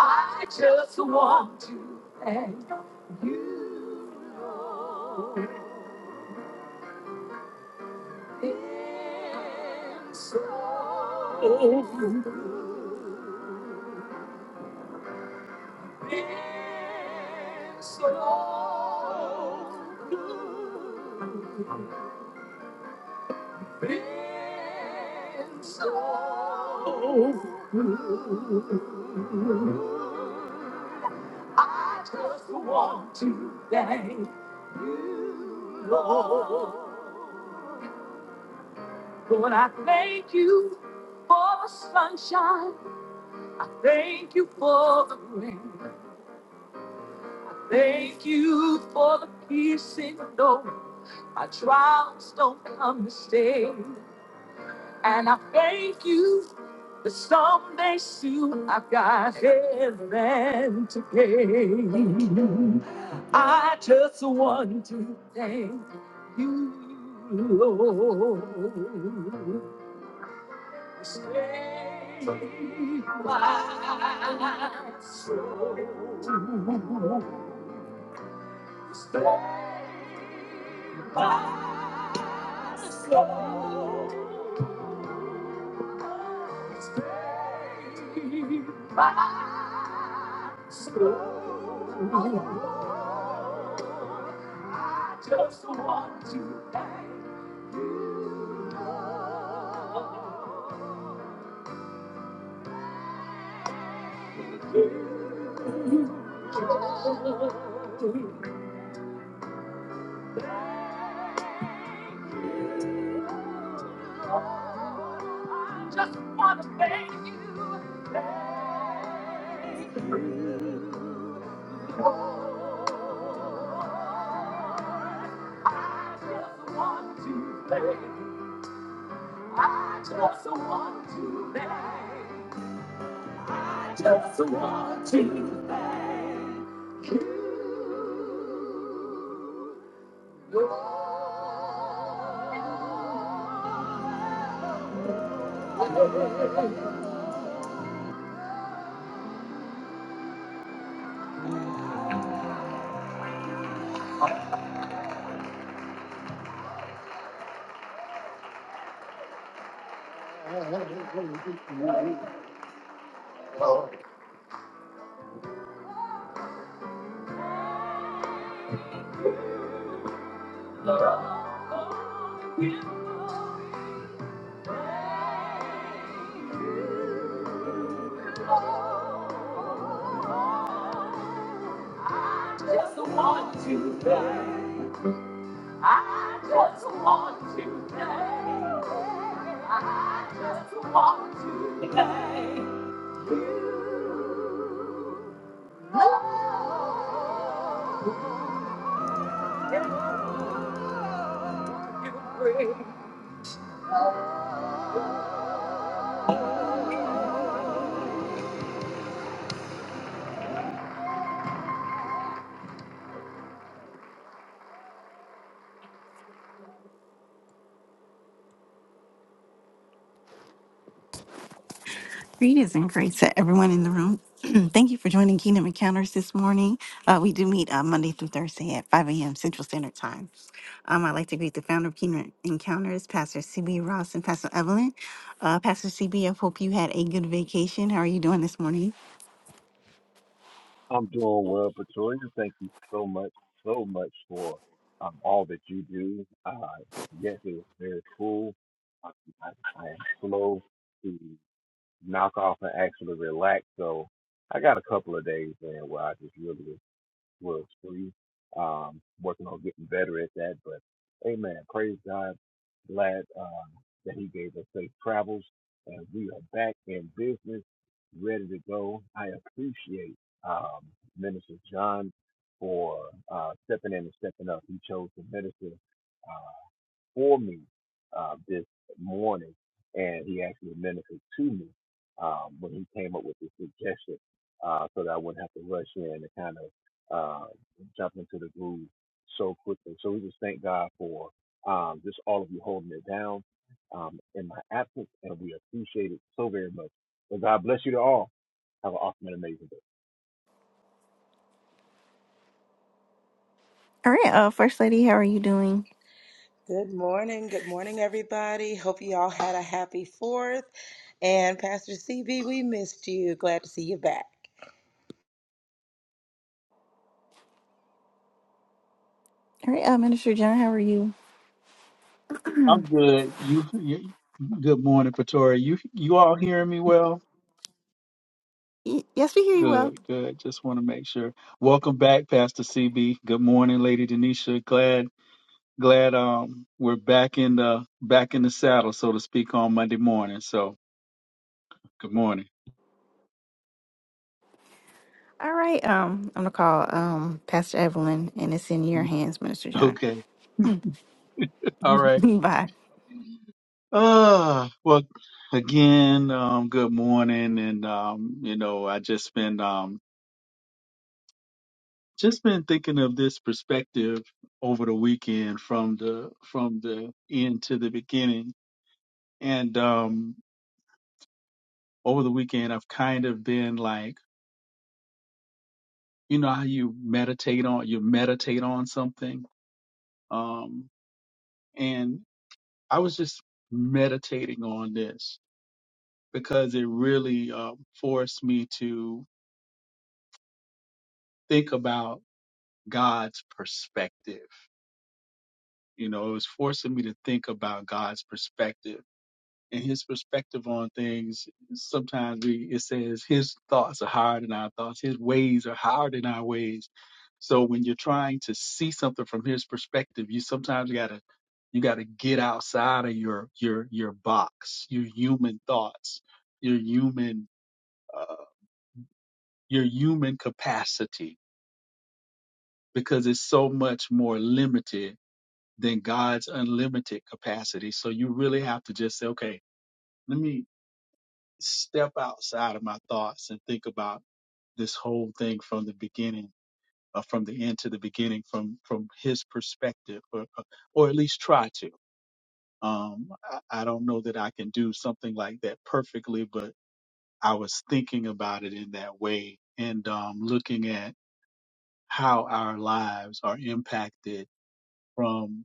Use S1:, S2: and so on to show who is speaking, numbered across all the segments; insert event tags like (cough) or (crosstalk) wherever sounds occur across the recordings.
S1: I just want to thank you. Lord, Been so, been so good. been so good. I just want to thank you, Lord. Lord, I thank you for the sunshine. I thank you for the rain. Thank you for the peace in the door. My trials don't come to stay. And I thank you that someday soon I've got heaven to gain. I just want to thank you, Lord. Stay my soul. Stay my Slow, it's made my soul. I just want to thank you, you, you, Lord. thank. I just want to thank you. Thank you. Lord. I just want to thank you. I just want to thank Just want to thank you. Lord. Oh. I Just want to thank. I just want to thank. I just want to thank you. Lord, you bring. Greetings and grace to everyone in the room. (clears throat) Thank you for joining Kingdom Encounters this morning. Uh, we do meet uh, Monday through Thursday at 5 a.m. Central Standard Time. Um, I'd like to greet the founder of Kingdom Encounters, Pastor CB Ross and Pastor Evelyn. Uh, Pastor CB, I hope you had a good vacation. How are you doing this morning? All right, uh, First Lady, how are you doing?
S2: Good morning. Good morning, everybody. Hope you all had a happy fourth. And Pastor CB, we missed you. Glad to see you back.
S1: All right, uh, Minister John, how are you?
S3: I'm good. You, you good morning, Pretoria. You you all hearing me well?
S1: Y- yes, we hear you well.
S3: Good, good. Just want to make sure. Welcome back, Pastor CB. Good morning, Lady Denisha. Glad glad um we're back in the back in the saddle, so to speak, on Monday morning. So good morning.
S1: All right, um, I'm gonna call um, Pastor Evelyn, and it's in your
S3: (laughs)
S1: hands, Minister John.
S3: Okay. All
S1: (laughs)
S3: right.
S1: Bye.
S3: Uh well again, um, good morning and um, you know, I just been um just been thinking of this perspective over the weekend from the from the end to the beginning and um over the weekend i've kind of been like you know how you meditate on you meditate on something um and i was just meditating on this because it really uh, forced me to think about god's perspective you know it was forcing me to think about god's perspective and his perspective on things sometimes we it says his thoughts are higher than our thoughts his ways are higher than our ways so when you're trying to see something from his perspective you sometimes got to you got to get outside of your your your box your human thoughts your human uh, your human capacity because it's so much more limited than God's unlimited capacity so you really have to just say okay let me. step outside of my thoughts and think about this whole thing from the beginning uh, from the end to the beginning from from his perspective or uh, or at least try to um I, I don't know that I can do something like that perfectly but I was thinking about it in that way and um looking at how our lives are impacted from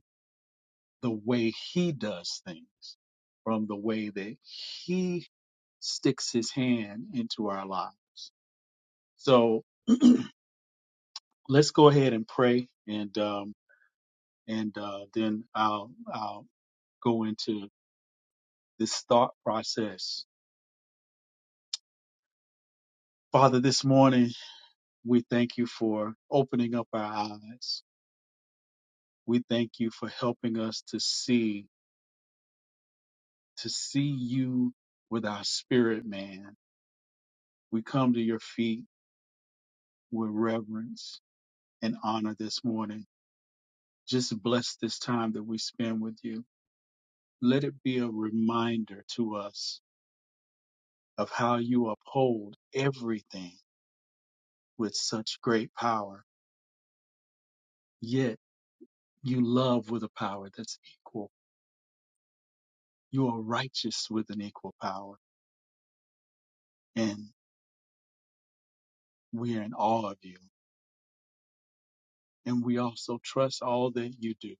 S3: the way he does things from the way that he sticks his hand into our lives so let's go ahead and pray and um, and uh, then I'll, I'll go into this thought process. Father, this morning we thank you for opening up our eyes. We thank you for helping us to see to see you with our spirit, man. We come to your feet with reverence and honor this morning. Just bless this time that we spend with you. Let it be a reminder to us of how you uphold everything with such great power, yet you love with a power that's equal. You are righteous with an equal power, and we are in awe of you. And we also trust all that you do,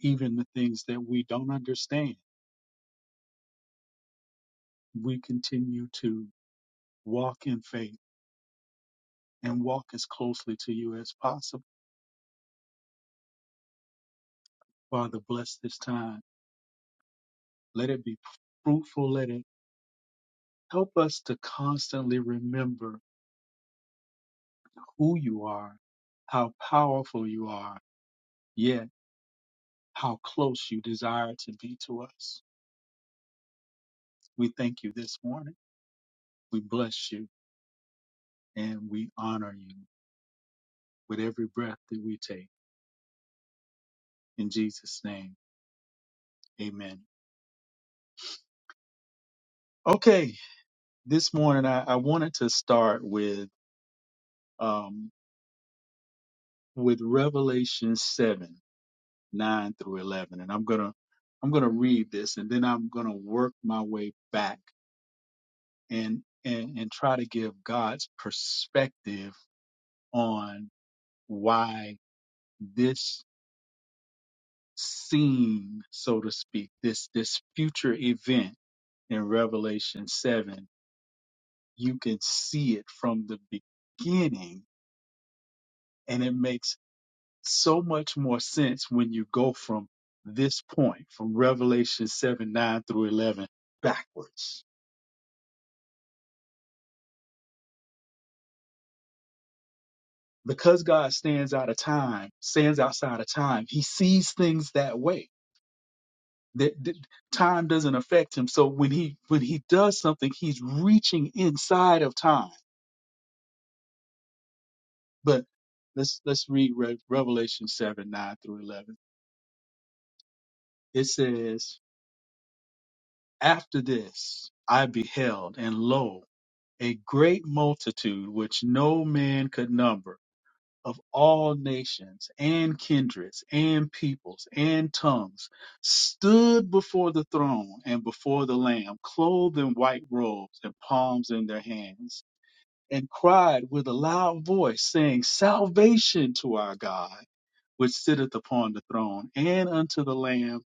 S3: even the things that we don't understand. We continue to walk in faith and walk as closely to you as possible. Father, bless this time. Let it be fruitful. Let it help us to constantly remember who you are, how powerful you are. Yes. how close you desire to be to us. We thank you this morning. We bless you and we honor you with every breath that we take. In Jesus' name, amen. Okay, this morning I, I wanted to start with um, with Revelation 7, 9 through 11. And I'm going to I'm going to read this and then I'm going to work my way back and, and, and try to give God's perspective on why this scene, so to speak, this this future event in Revelation 7, you can see it from the beginning and it makes so much more sense when you go from this point from Revelation 7 9 through 11 backwards. Because God stands out of time, stands outside of time, he sees things that way. That, that time doesn't affect him. So when he when he does something, he's reaching inside of time But let's let's read Re- Revelation seven nine through eleven. It says, "After this, I beheld, and lo, a great multitude which no man could number." Of all nations and kindreds and peoples and tongues stood before the throne and before the Lamb, clothed in white robes and palms in their hands, and cried with a loud voice, saying, Salvation to our God which sitteth upon the throne, and unto the Lamb,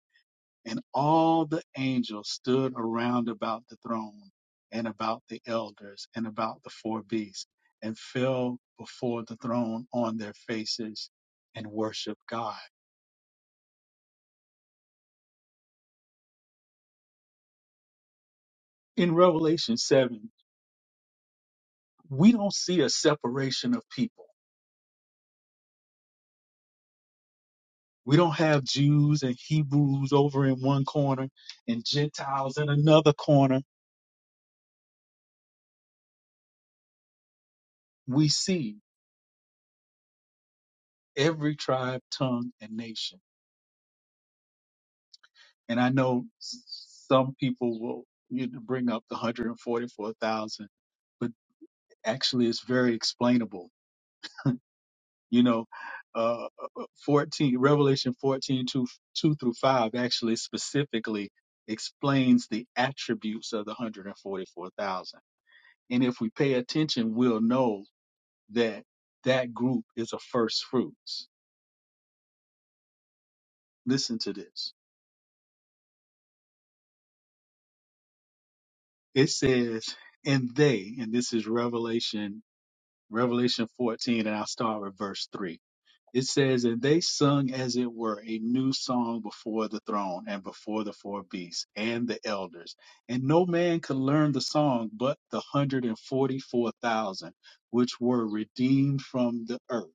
S3: and all the angels stood around about the throne, and about the elders, and about the four beasts, and fell before the throne on their faces and worshiped God. In Revelation 7, we don't see a separation of people. We don't have Jews and Hebrews over in one corner and Gentiles in another corner. We see every tribe, tongue, and nation And I know s- some people will you know, bring up the 144,000, but actually it's very explainable. You know, uh, uh, 14, Revelation 14, 2, 2 through 5 actually specifically explains the attributes of the 144,000. And forty-four thousand. And if we pay attention, we'll know that that group is a first fruits. Listen to this. It says, and they, and this is Revelation Revelation 14, and I'll start with verse 3. It says, And they sung as it were a new song before the throne and before the four beasts and the elders. And no man could learn the song but the 144,000 which were redeemed from the earth.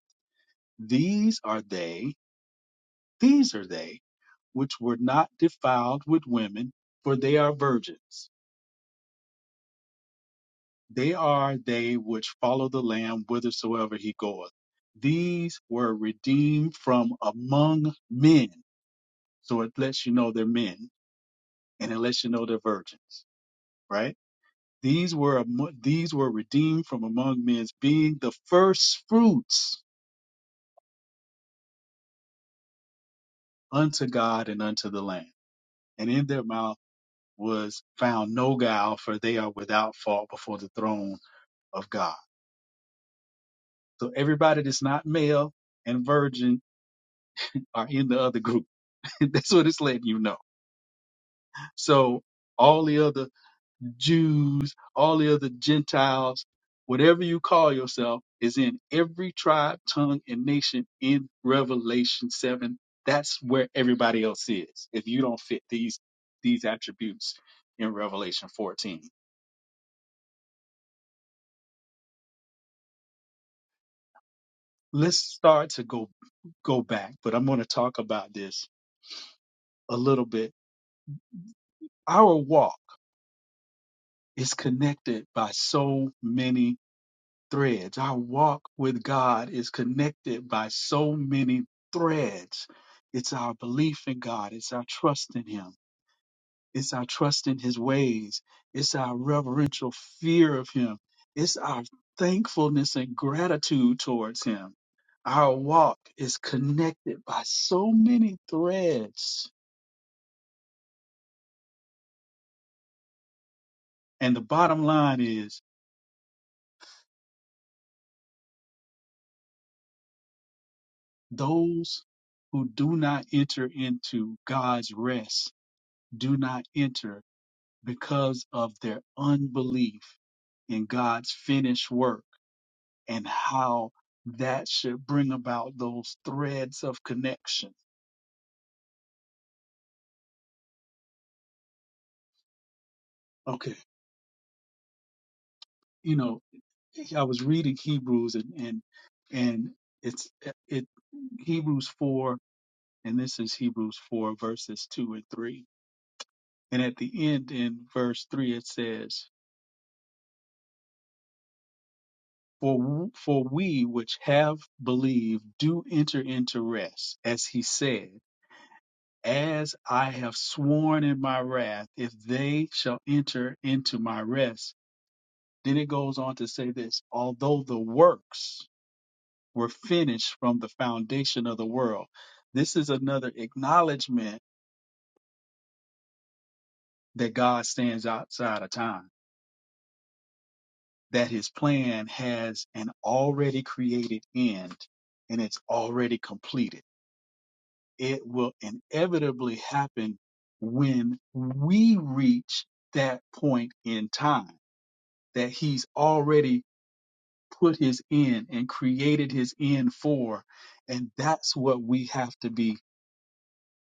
S3: These are they, these are they, which were not defiled with women, for they are virgins. They are they which follow the Lamb whithersoever he goeth. These were redeemed from among men. So it lets you know they're men and it lets you know they're virgins, right? These were amo- these were redeemed from among men, being the first fruits unto God and unto the Lamb. And in their mouth was found no guile, for they are without fault before the throne of God. So everybody that's not male and virgin are in the other group (laughs) That's what it's letting you know. So all the other Jews, all the other Gentiles, whatever you call yourself, is in every tribe, tongue, and nation in Revelation 7. That's where everybody else is. If you don't fit these these attributes in Revelation 14. Let's start to go go back, but I'm going to talk about this a little bit. Our walk is connected by so many threads. Our walk with God is connected by so many threads. It's our belief in God, it's our trust in Him, it's our trust in His ways, it's our reverential fear of Him, it's our thankfulness and gratitude towards Him. Our walk is connected by so many threads. And the bottom line is those who do not enter into God's rest do not enter because of their unbelief in God's finished work and how that should bring about those threads of connection. Okay, you know, I was reading Hebrews and and and it's it Hebrews four and this is Hebrews four verses two and three. And at the end in verse three it says, "For w- for we which have believed do enter into rest, as he said." As I have sworn in my wrath, if they shall enter into my rest. Then it goes on to say this although the works were finished from the foundation of the world. This is another acknowledgement that God stands outside of time, that his plan has an already created end and it's already completed. It will inevitably happen when we reach that point in time that he's already put his end and created his end for. And that's what we have to be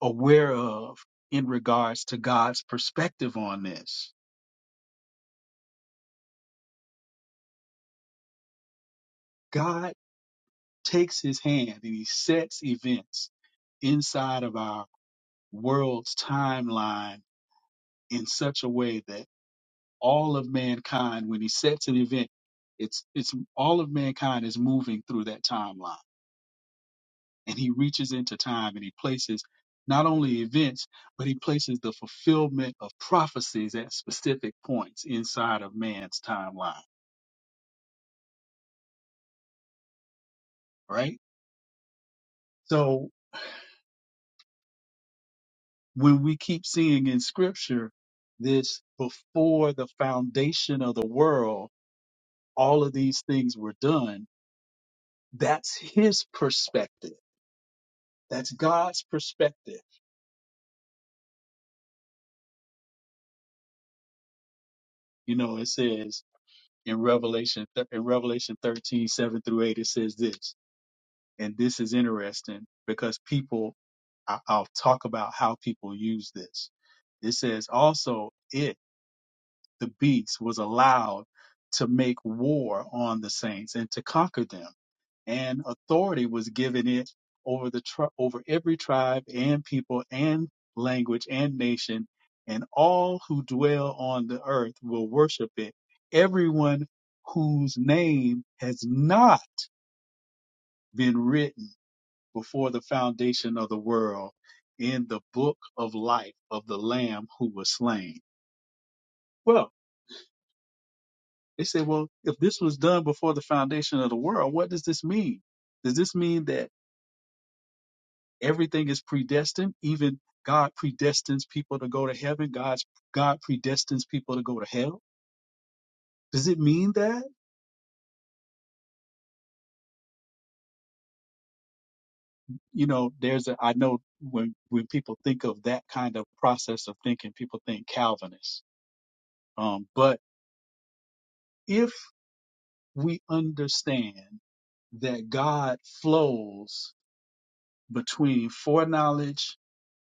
S3: aware of in regards to God's perspective on this. God takes his hand and he sets events inside of our world's timeline in such a way that all of mankind, when he sets an event, it's, it's all of mankind is moving through that timeline and he reaches into time and he places not only events, but he places the fulfillment of prophecies at specific points inside of man's timeline, right? So when we keep seeing in scripture this before the foundation of the world, all of these things were done, that's his perspective. That's God's perspective. You know, it says in Revelation, in Revelation 13 7 through 8, it says this. And this is interesting because people I- I'll talk about how people use this. It says also it, the beast, was allowed to make war on the saints and to conquer them, and authority was given it over the tri- over every tribe and people and language and nation, and all who dwell on the earth will worship it. Everyone whose name has not been written before the foundation of the world in the book of life of the Lamb who was slain. Well, they say, well, if this was done before the foundation of the world, what does this mean? Does this mean that everything is predestined? Even God predestines people to go to heaven. God's God predestines people to go to hell. Does it mean that? You know, there's a, I know when, when people think of that kind of process of thinking, people think Calvinist. Um, but if we understand that God flows between foreknowledge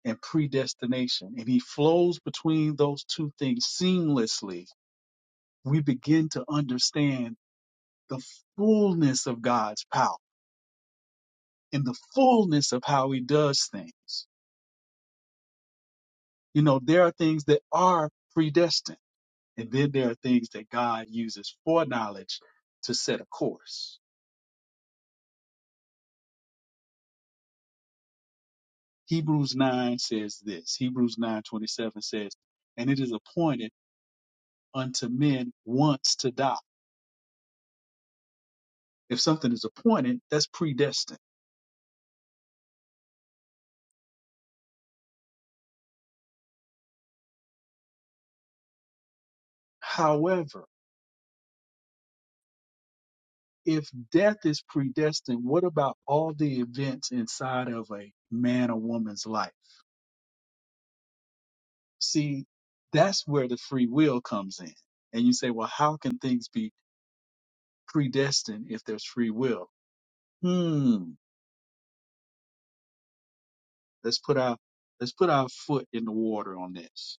S3: and predestination, and He flows between those two things seamlessly, we begin to understand the fullness of God's power and the fullness of how He does things. You know, there are things that are predestined, and then there are things that God uses foreknowledge to set a course. Hebrews 9 says this. Hebrews 9:27 says, "And it is appointed unto men once to die." If something is appointed, that's predestined. However, if death is predestined, what about all the events inside of a man or woman's life? See, that's where the free will comes in. And you say, "Well, how can things be predestined if there's free will?" Hmm. Let's put our let's put our foot in the water on this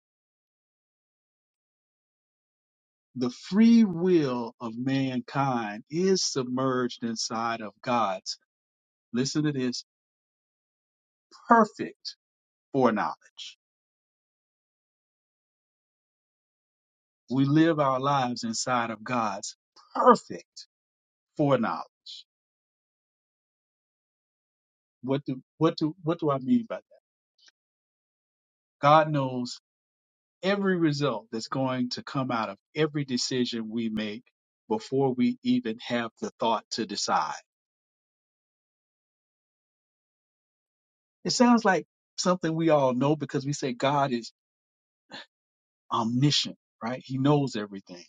S3: the free will of mankind is submerged inside of God's, listen to this, perfect foreknowledge. We live our lives inside of God's perfect foreknowledge. What do what do what do I mean by that? God knows every result that's going to come out of every decision we make before we even have the thought to decide. It sounds like something we all know because we say God is omniscient, right? He knows everything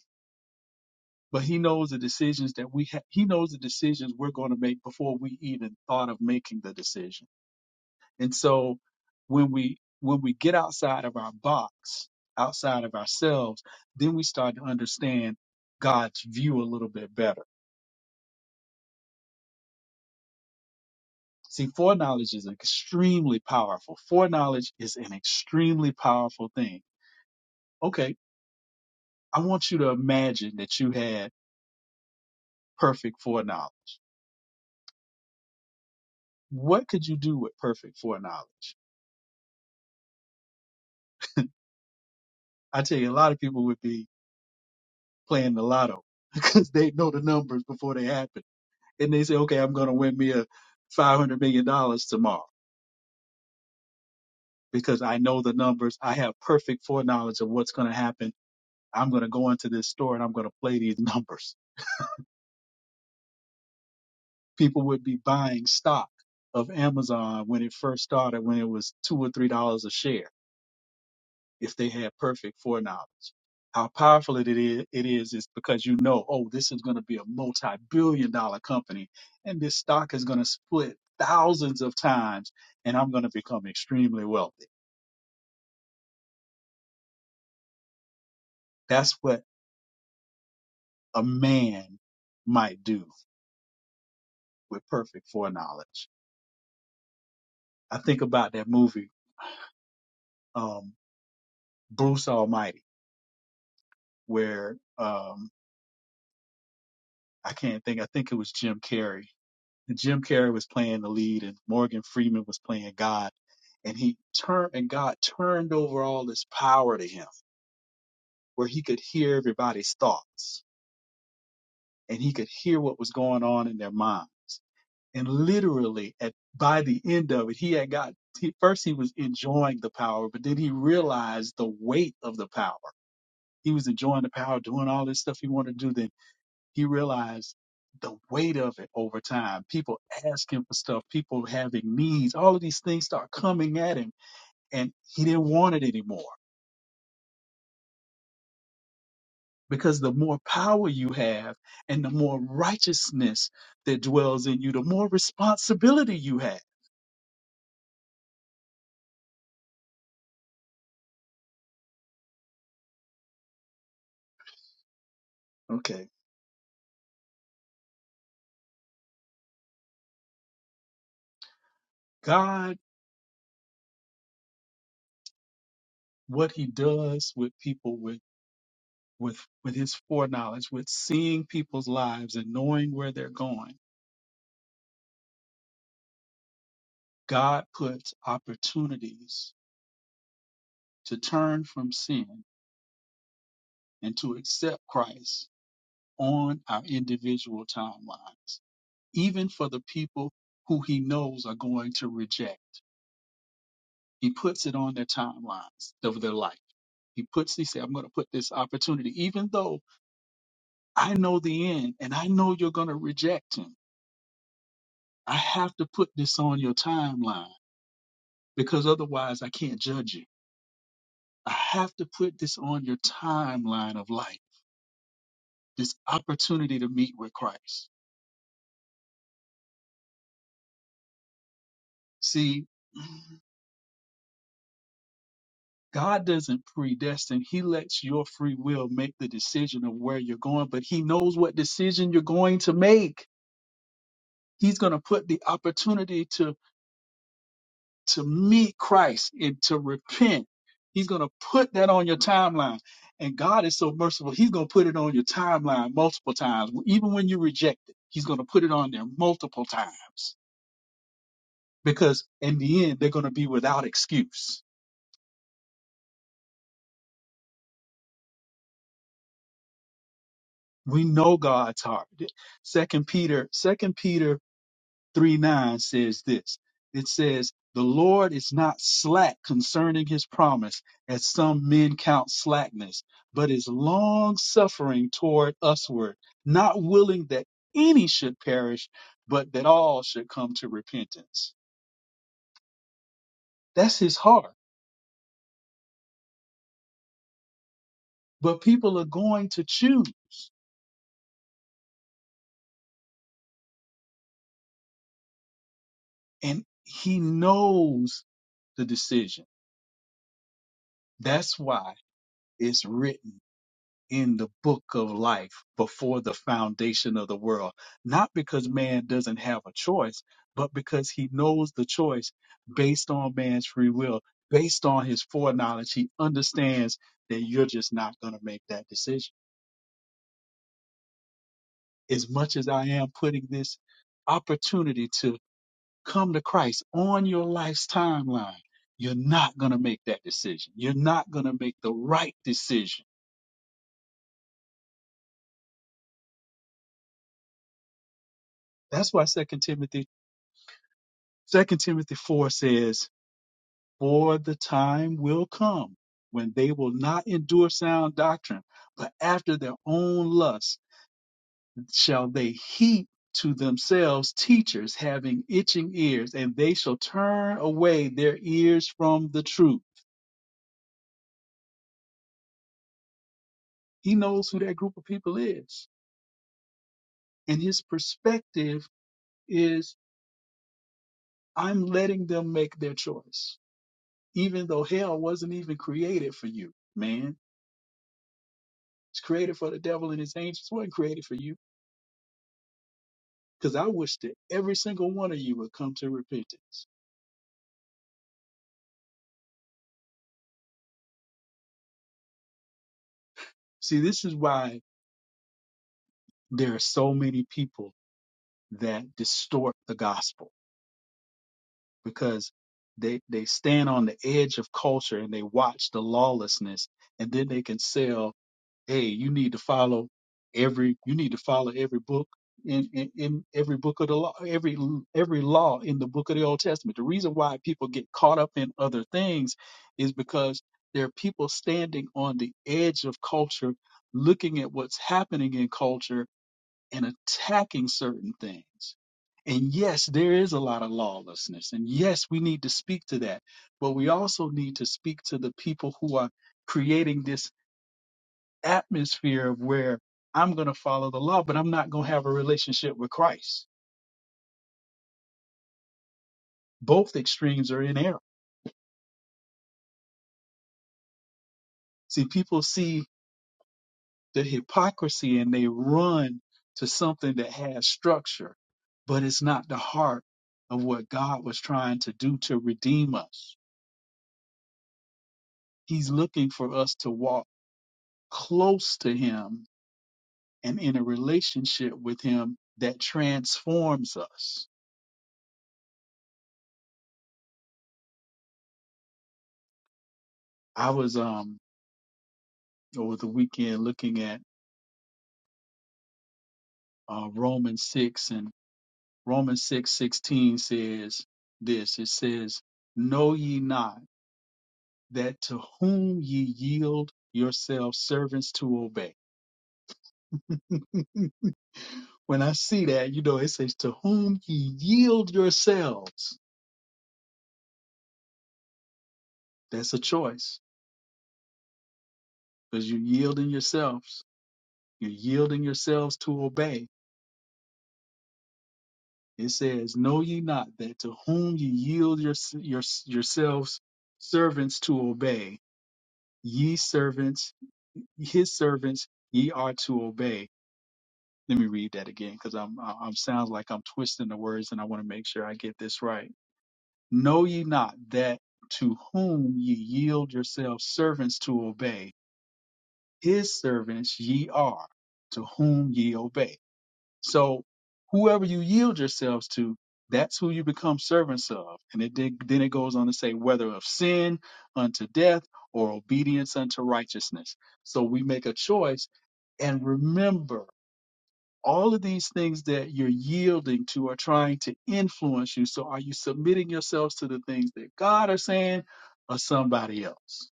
S3: but he knows the decisions that we ha- he knows the decisions we're going to make before we even thought of making the decision and so when we when we get outside of our box outside of ourselves then we start to understand god's view a little bit better see foreknowledge is extremely powerful foreknowledge is an extremely powerful thing okay i want you to imagine that you had perfect foreknowledge what could you do with perfect foreknowledge i tell you a lot of people would be playing the lotto (laughs) because they know the numbers before they happen. And they say, okay, I'm going to win me a $500 million dollars tomorrow because I know the numbers. I have perfect foreknowledge of what's going to happen. I'm going to go into this store and I'm going to play these (laughs) numbers. People would be buying stock of Amazon when it first started, when it was two or $3 a share if they had perfect foreknowledge. How powerful it is, it is is because you know, oh, this is going to be a multi-billion dollar company and this stock is going to split thousands of times and I'm going to become extremely wealthy. That's what a man might do with perfect foreknowledge. I think about that movie, um, Bruce Almighty, where, um, I can't think, I think it was Jim Carrey and Jim Carrey was playing the lead, and Morgan Freeman was playing God, and he turned and God turned over all this power to him, where he could hear everybody's thoughts and he could hear what was going on in their mind. And literally, at by the end of it, he had got he, first he was enjoying the power, but then he realized the weight of the power. He was enjoying the power, doing all this stuff he wanted to do. Then he realized the weight of it over time. People asking for stuff, people having needs, all of these things start coming at him, and he didn't want it anymore. Because the more power you have and the more righteousness that dwells in you, the more responsibility you have. Okay. God, what he does with people with with with his foreknowledge, with seeing people's lives and knowing where they're going, God puts opportunities to turn from sin and to accept Christ on our individual timelines, even for the people who he knows are going to reject. He puts it on their timelines of their life. He puts, he said, I'm going to put this opportunity, even though I know the end and I know you're going to reject him. I have to put this on your timeline because otherwise I can't judge you. I have to put this on your timeline of life, this opportunity to meet with Christ. See, God doesn't predestine. He lets your free will make the decision of where you're going, but he knows what decision you're going to make. He's going to put the opportunity to to meet Christ and to repent. He's going to put that on your timeline. And God is so merciful. He's going to put it on your timeline multiple times. Even when you reject it, he's going to put it on there multiple times because in the end they're going to be without excuse. We know God's heart. Second Peter, Second Peter 3 9 says this it says, The Lord is not slack concerning his promise, as some men count slackness, but is long suffering toward usward, not willing that any should perish, but that all should come to repentance. That's his heart. But people are going to choose, and he knows the decision. That's why it's written in the book of life before the foundation of the world. Not because man doesn't have a choice, but because he knows the choice based on man's free will, based on his foreknowledge. He understands that you're just not going to make that decision. As much as I am putting this opportunity to come to Christ on your life's timeline, you're not going to make that decision. You're not going to make the right decision. That's why Second Timothy, Second Timothy 4 says, For the time will come when they will not endure sound doctrine, but after their own lusts shall they heap to themselves teachers having itching ears, and they shall turn away their ears from the truth. He knows who that group of people is. And his perspective is I'm letting them make their choice, even though hell wasn't even created for you, man. It's created for the devil and his angels. It wasn't created for you because I wish that every single one of you would come to repentance. See, this is why there are so many people that distort the gospel because they they stand on the edge of culture and they watch the lawlessness, and then they can sell hey, you need to follow every you need to follow every book in, in, in every book of the law, every every law in the book of the Old Testament. The reason why people get caught up in other things is because there are people standing on the edge of culture, looking at what's happening in culture and attacking certain things. And yes, there is a lot of lawlessness. And yes, we need to speak to that. But we also need to speak to the people who are creating this atmosphere where I'm going to follow the law, but I'm not going to have a relationship with Christ. Both extremes are in error. See, people see the hypocrisy and they run to something that has structure, but it's not the heart of what God was trying to do to redeem us. He's looking for us to walk close to Him and in a relationship with Him that transforms us. I was um over the weekend looking at uh, Romans six and Romans six sixteen says this it says, Know ye not that to whom ye yield yourselves servants to obey? (laughs) when I see that, you know, it says, To whom ye yield yourselves. That's a choice because you're yielding yourselves. You're yielding yourselves to obey. It says, Know ye not that to whom ye yield your, your, yourselves servants to obey, ye servants his servants ye are to obey. Let me read that again because I'm I- I'm sounds like I'm twisting the words and I want to make sure I get this right. Know ye not that to whom ye yield yourselves servants to obey, his servants ye are to whom ye obey. So whoever you yield yourselves to, that's who you become servants of. And it did, then it goes on to say whether of sin unto death or obedience unto righteousness. So we make a choice and remember all of these things that you're yielding to are trying to influence you. So are you submitting yourselves to the things that God are saying or somebody else?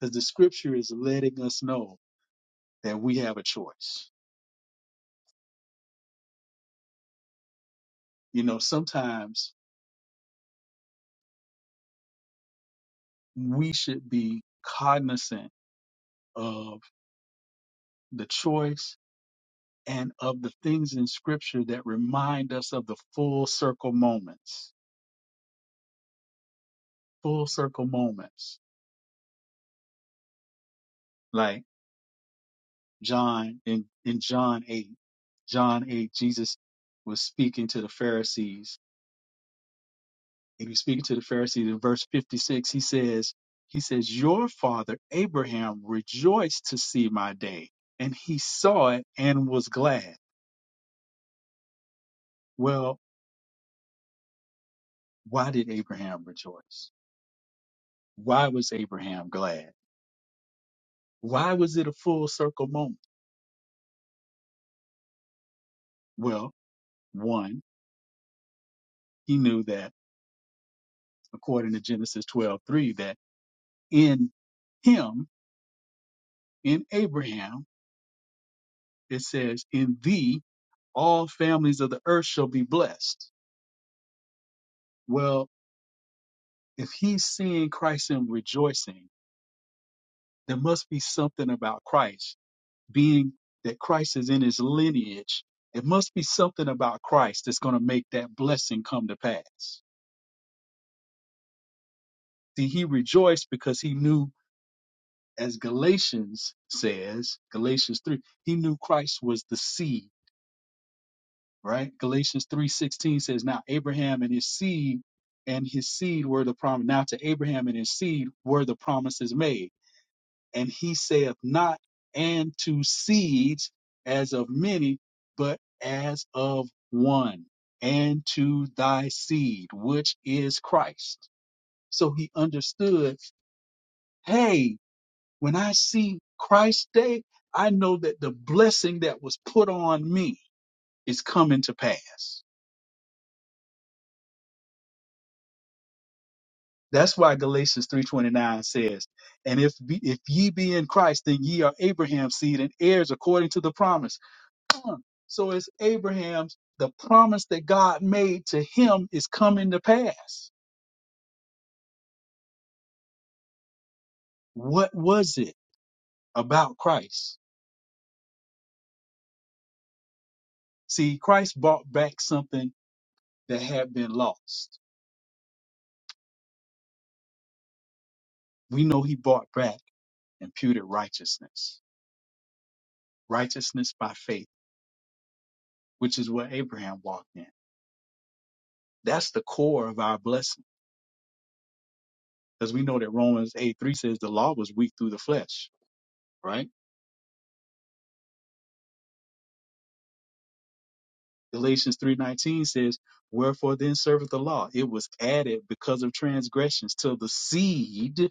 S3: Because the scripture is letting us know that we have a choice. You know, sometimes we should be cognizant of the choice and of the things in scripture that remind us of the full circle moments. Full circle moments. like. John in, in John 8. John 8, Jesus was speaking to the Pharisees. And he was speaking to the Pharisees in verse 56. He says, He says, Your father Abraham rejoiced to see my day, and he saw it and was glad. Well, why did Abraham rejoice? Why was Abraham glad? Why was it a full circle moment? Well, one, he knew that according to Genesis 12 3 that in him, in Abraham, it says, In thee all families of the earth shall be blessed. Well, if he's seeing Christ and rejoicing, there must be something about Christ, being that Christ is in his lineage. It must be something about Christ that's going to make that blessing come to pass. See, he rejoiced because he knew, as Galatians says, Galatians 3, he knew Christ was the seed right? Galatians 3:16 says, "Now Abraham and his seed and his seed were the promise. Now to Abraham and his seed were the promises made. And he saith not, and to seeds as of many, but as of one, and to thy seed, which is Christ." So he understood, hey, when I see Christ's day, I know that the blessing that was put on me is coming to pass That's why Galatians 3:29 says, "And if be, if ye be in Christ, then ye are Abraham's seed and heirs according to the promise." Huh. So it's Abraham's the promise that God made to him is coming to pass. What was it about Christ? See, Christ bought back something that had been lost. We know he bought back imputed righteousness, righteousness by faith, which is what Abraham walked in. That's the core of our blessing Because we know that Romans 8 3 says the law was weak through the flesh, right? Galatians 3.19 says, Wherefore then serveth the law? It was added because of transgressions till the seed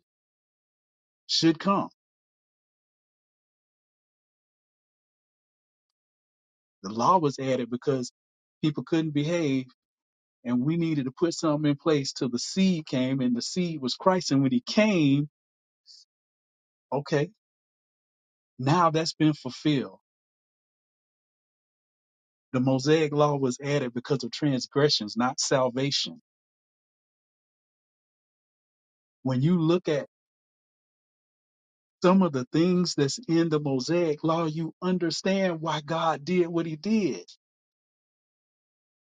S3: should come. The law was added because people couldn't behave and we needed to put something in place till the seed came and the seed was Christ. And when he came, okay, now that's been fulfilled. The Mosaic law was added because of transgressions, not salvation. When you look at Some of the things that's in the Mosaic law, you understand why God did what he did.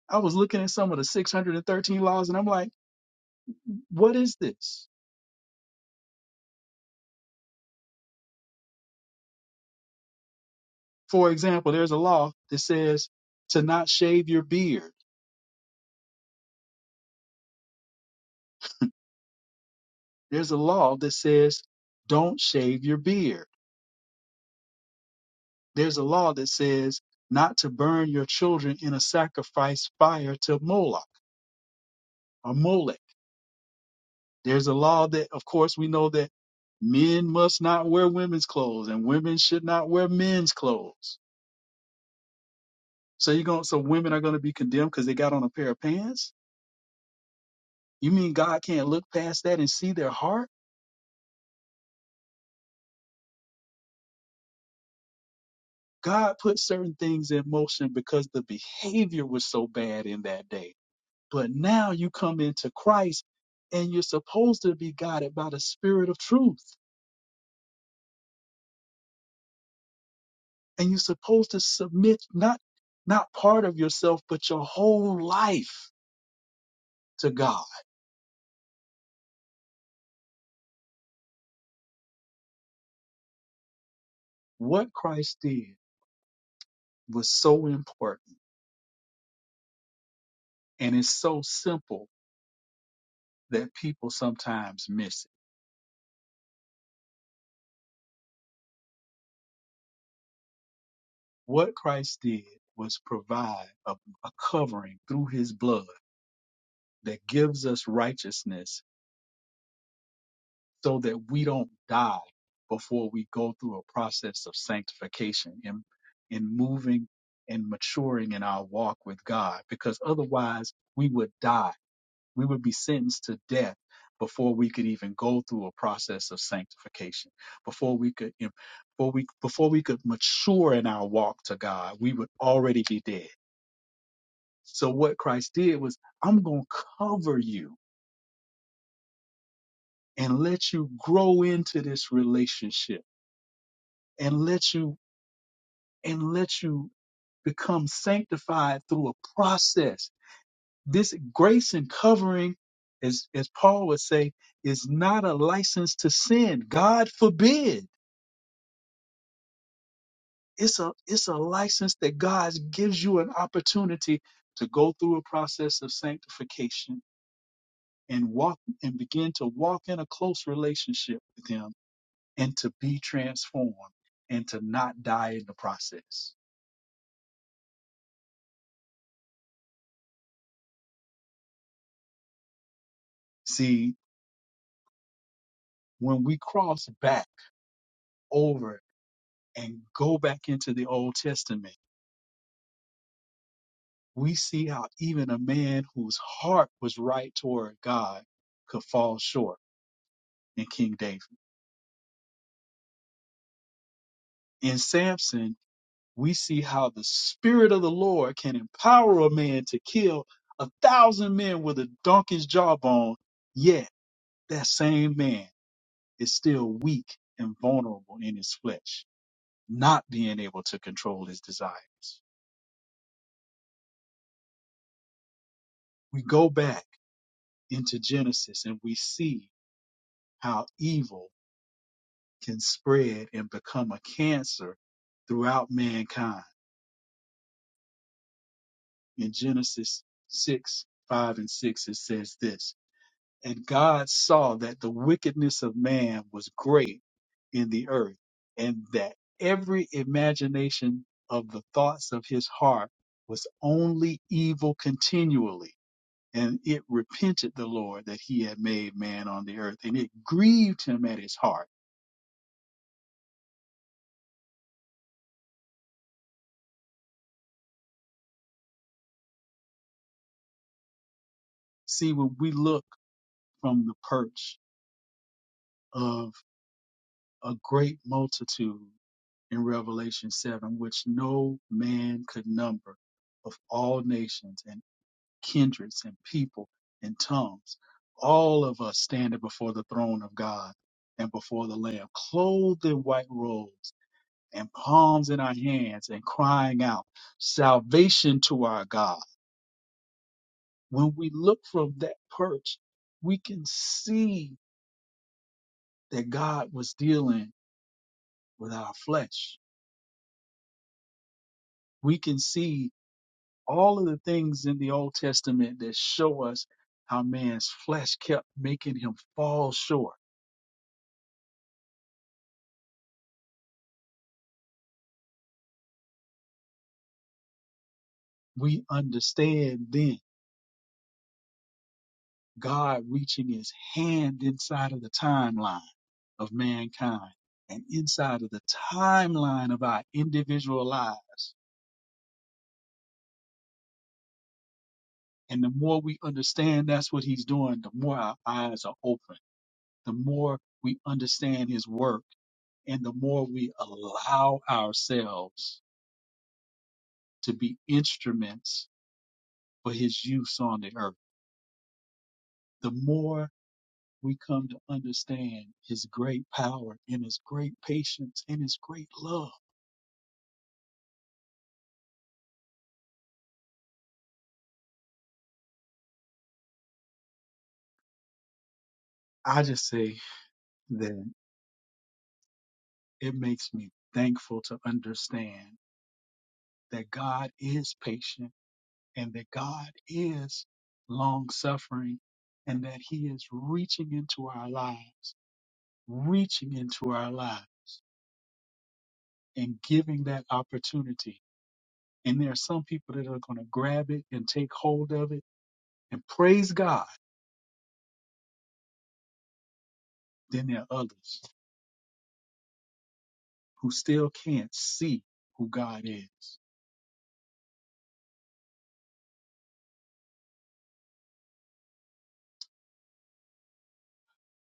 S3: I was looking at some of the 613 laws and I'm like, what is this? For example, there's a law that says to not shave your beard. There's a law that says don't shave your beard. There's a law that says not to burn your children in a sacrifice fire to Moloch or Molech. There's a law that, of course, we know that men must not wear women's clothes and women should not wear men's clothes. So you're going so women are going to be condemned because they got on a pair of pants? You mean God can't look past that and see their heart? God put certain things in motion because the behavior was so bad in that day. But now you come into Christ and you're supposed to be guided by the spirit of truth. And you're supposed to submit not not part of yourself but your whole life to God What Christ did was so important and it's so simple that people sometimes miss it. What Christ did was provide a, a covering through his blood that gives us righteousness so that we don't die before we go through a process of sanctification and in moving and maturing in our walk with God because otherwise we would die We would be sentenced to death before we could even go through a process of sanctification. Before we could you know, before we before we could mature in our walk to God, we would already be dead. So what Christ did was, I'm going to cover you and let you grow into this relationship and let you and let you become sanctified through a process This grace and covering, as, as Paul would say, is not a license to sin. God forbid. It's a it's a license that God gives you an opportunity to go through a process of sanctification and walk and begin to walk in a close relationship with him and to be transformed and to not die in the process. See, when we cross back over and go back into the Old Testament, we see how even a man whose heart was right toward God could fall short in King David. In Samson, we see how the Spirit of the Lord can empower a man to kill a thousand men with a donkey's jawbone, yet that same man is still weak and vulnerable in his flesh, not being able to control his desires. We go back into Genesis and we see how evil can spread and become a cancer throughout mankind. In Genesis 6, 5 and 6, it says this, and God saw that the wickedness of man was great in the earth and that every imagination of the thoughts of his heart was only evil continually. And it repented the Lord that he had made man on the earth and it grieved him at his heart. See, when we look from the perch of a great multitude in Revelation 7, which no man could number, of all nations and kindreds and people and tongues, all of us standing before the throne of God and before the Lamb, clothed in white robes and palms in our hands and crying out, Salvation to our God. When we look from that perch, we can see that God was dealing with our flesh. We can see all of the things in the Old Testament that show us how man's flesh kept making him fall short. We understand then God reaching his hand inside of the timeline of mankind and inside of the timeline of our individual lives. And the more we understand that's what he's doing, the more our eyes are open, the more we understand his work and the more we allow ourselves to be instruments for his use on the earth. The more we come to understand his great power and his great patience and his great love, I just say that it makes me thankful to understand that God is patient and that God is long suffering and that he is reaching into our lives, reaching into our lives and giving that opportunity. And there are some people that are going to grab it and take hold of it and praise God Then there are others who still can't see who God is.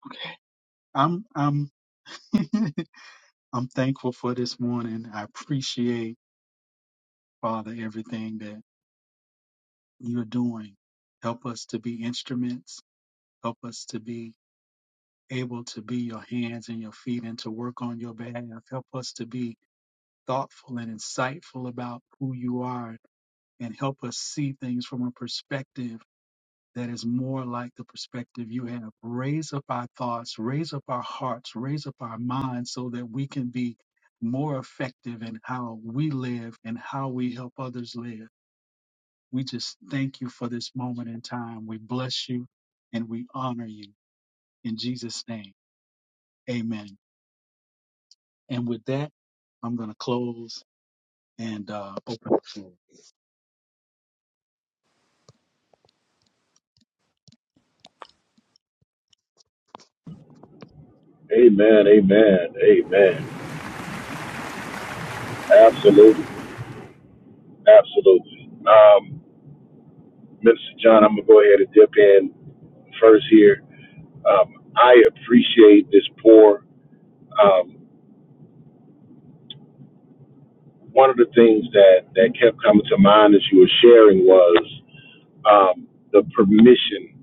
S3: Okay. I'm I'm (laughs) I'm thankful for this morning. I appreciate, Father, everything that you're doing. Help us to be instruments. Help us to be able to be your hands and your feet and to work on your behalf. Help us to be thoughtful and insightful about who you are and help us see things from a perspective that is more like the perspective you have. Raise up our thoughts, raise up our hearts, raise up our minds so that we can be more effective in how we live and how we help others live. We just thank you for this moment in time. We bless you and we honor you in Jesus' name. Amen. And with that, I'm going to close and uh, open the floor.
S4: um, one of the things that, that kept coming to mind as you were sharing was um, the permission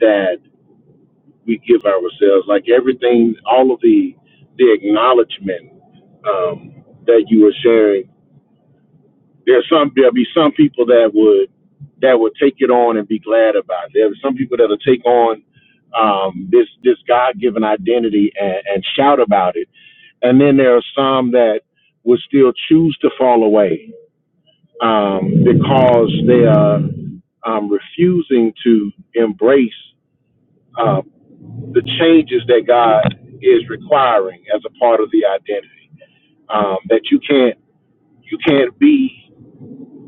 S4: that we give ourselves, like everything, all of the the acknowledgement um, that you were sharing. There's some there'll be some people that would that would take it on and be glad about it. There are some people that'll take on um, this this God given identity and, and shout about it, and then there are some that would still choose to fall away um, because they are um, refusing to embrace um, the changes that God is requiring as a part of the identity. Um, that you can't you can't be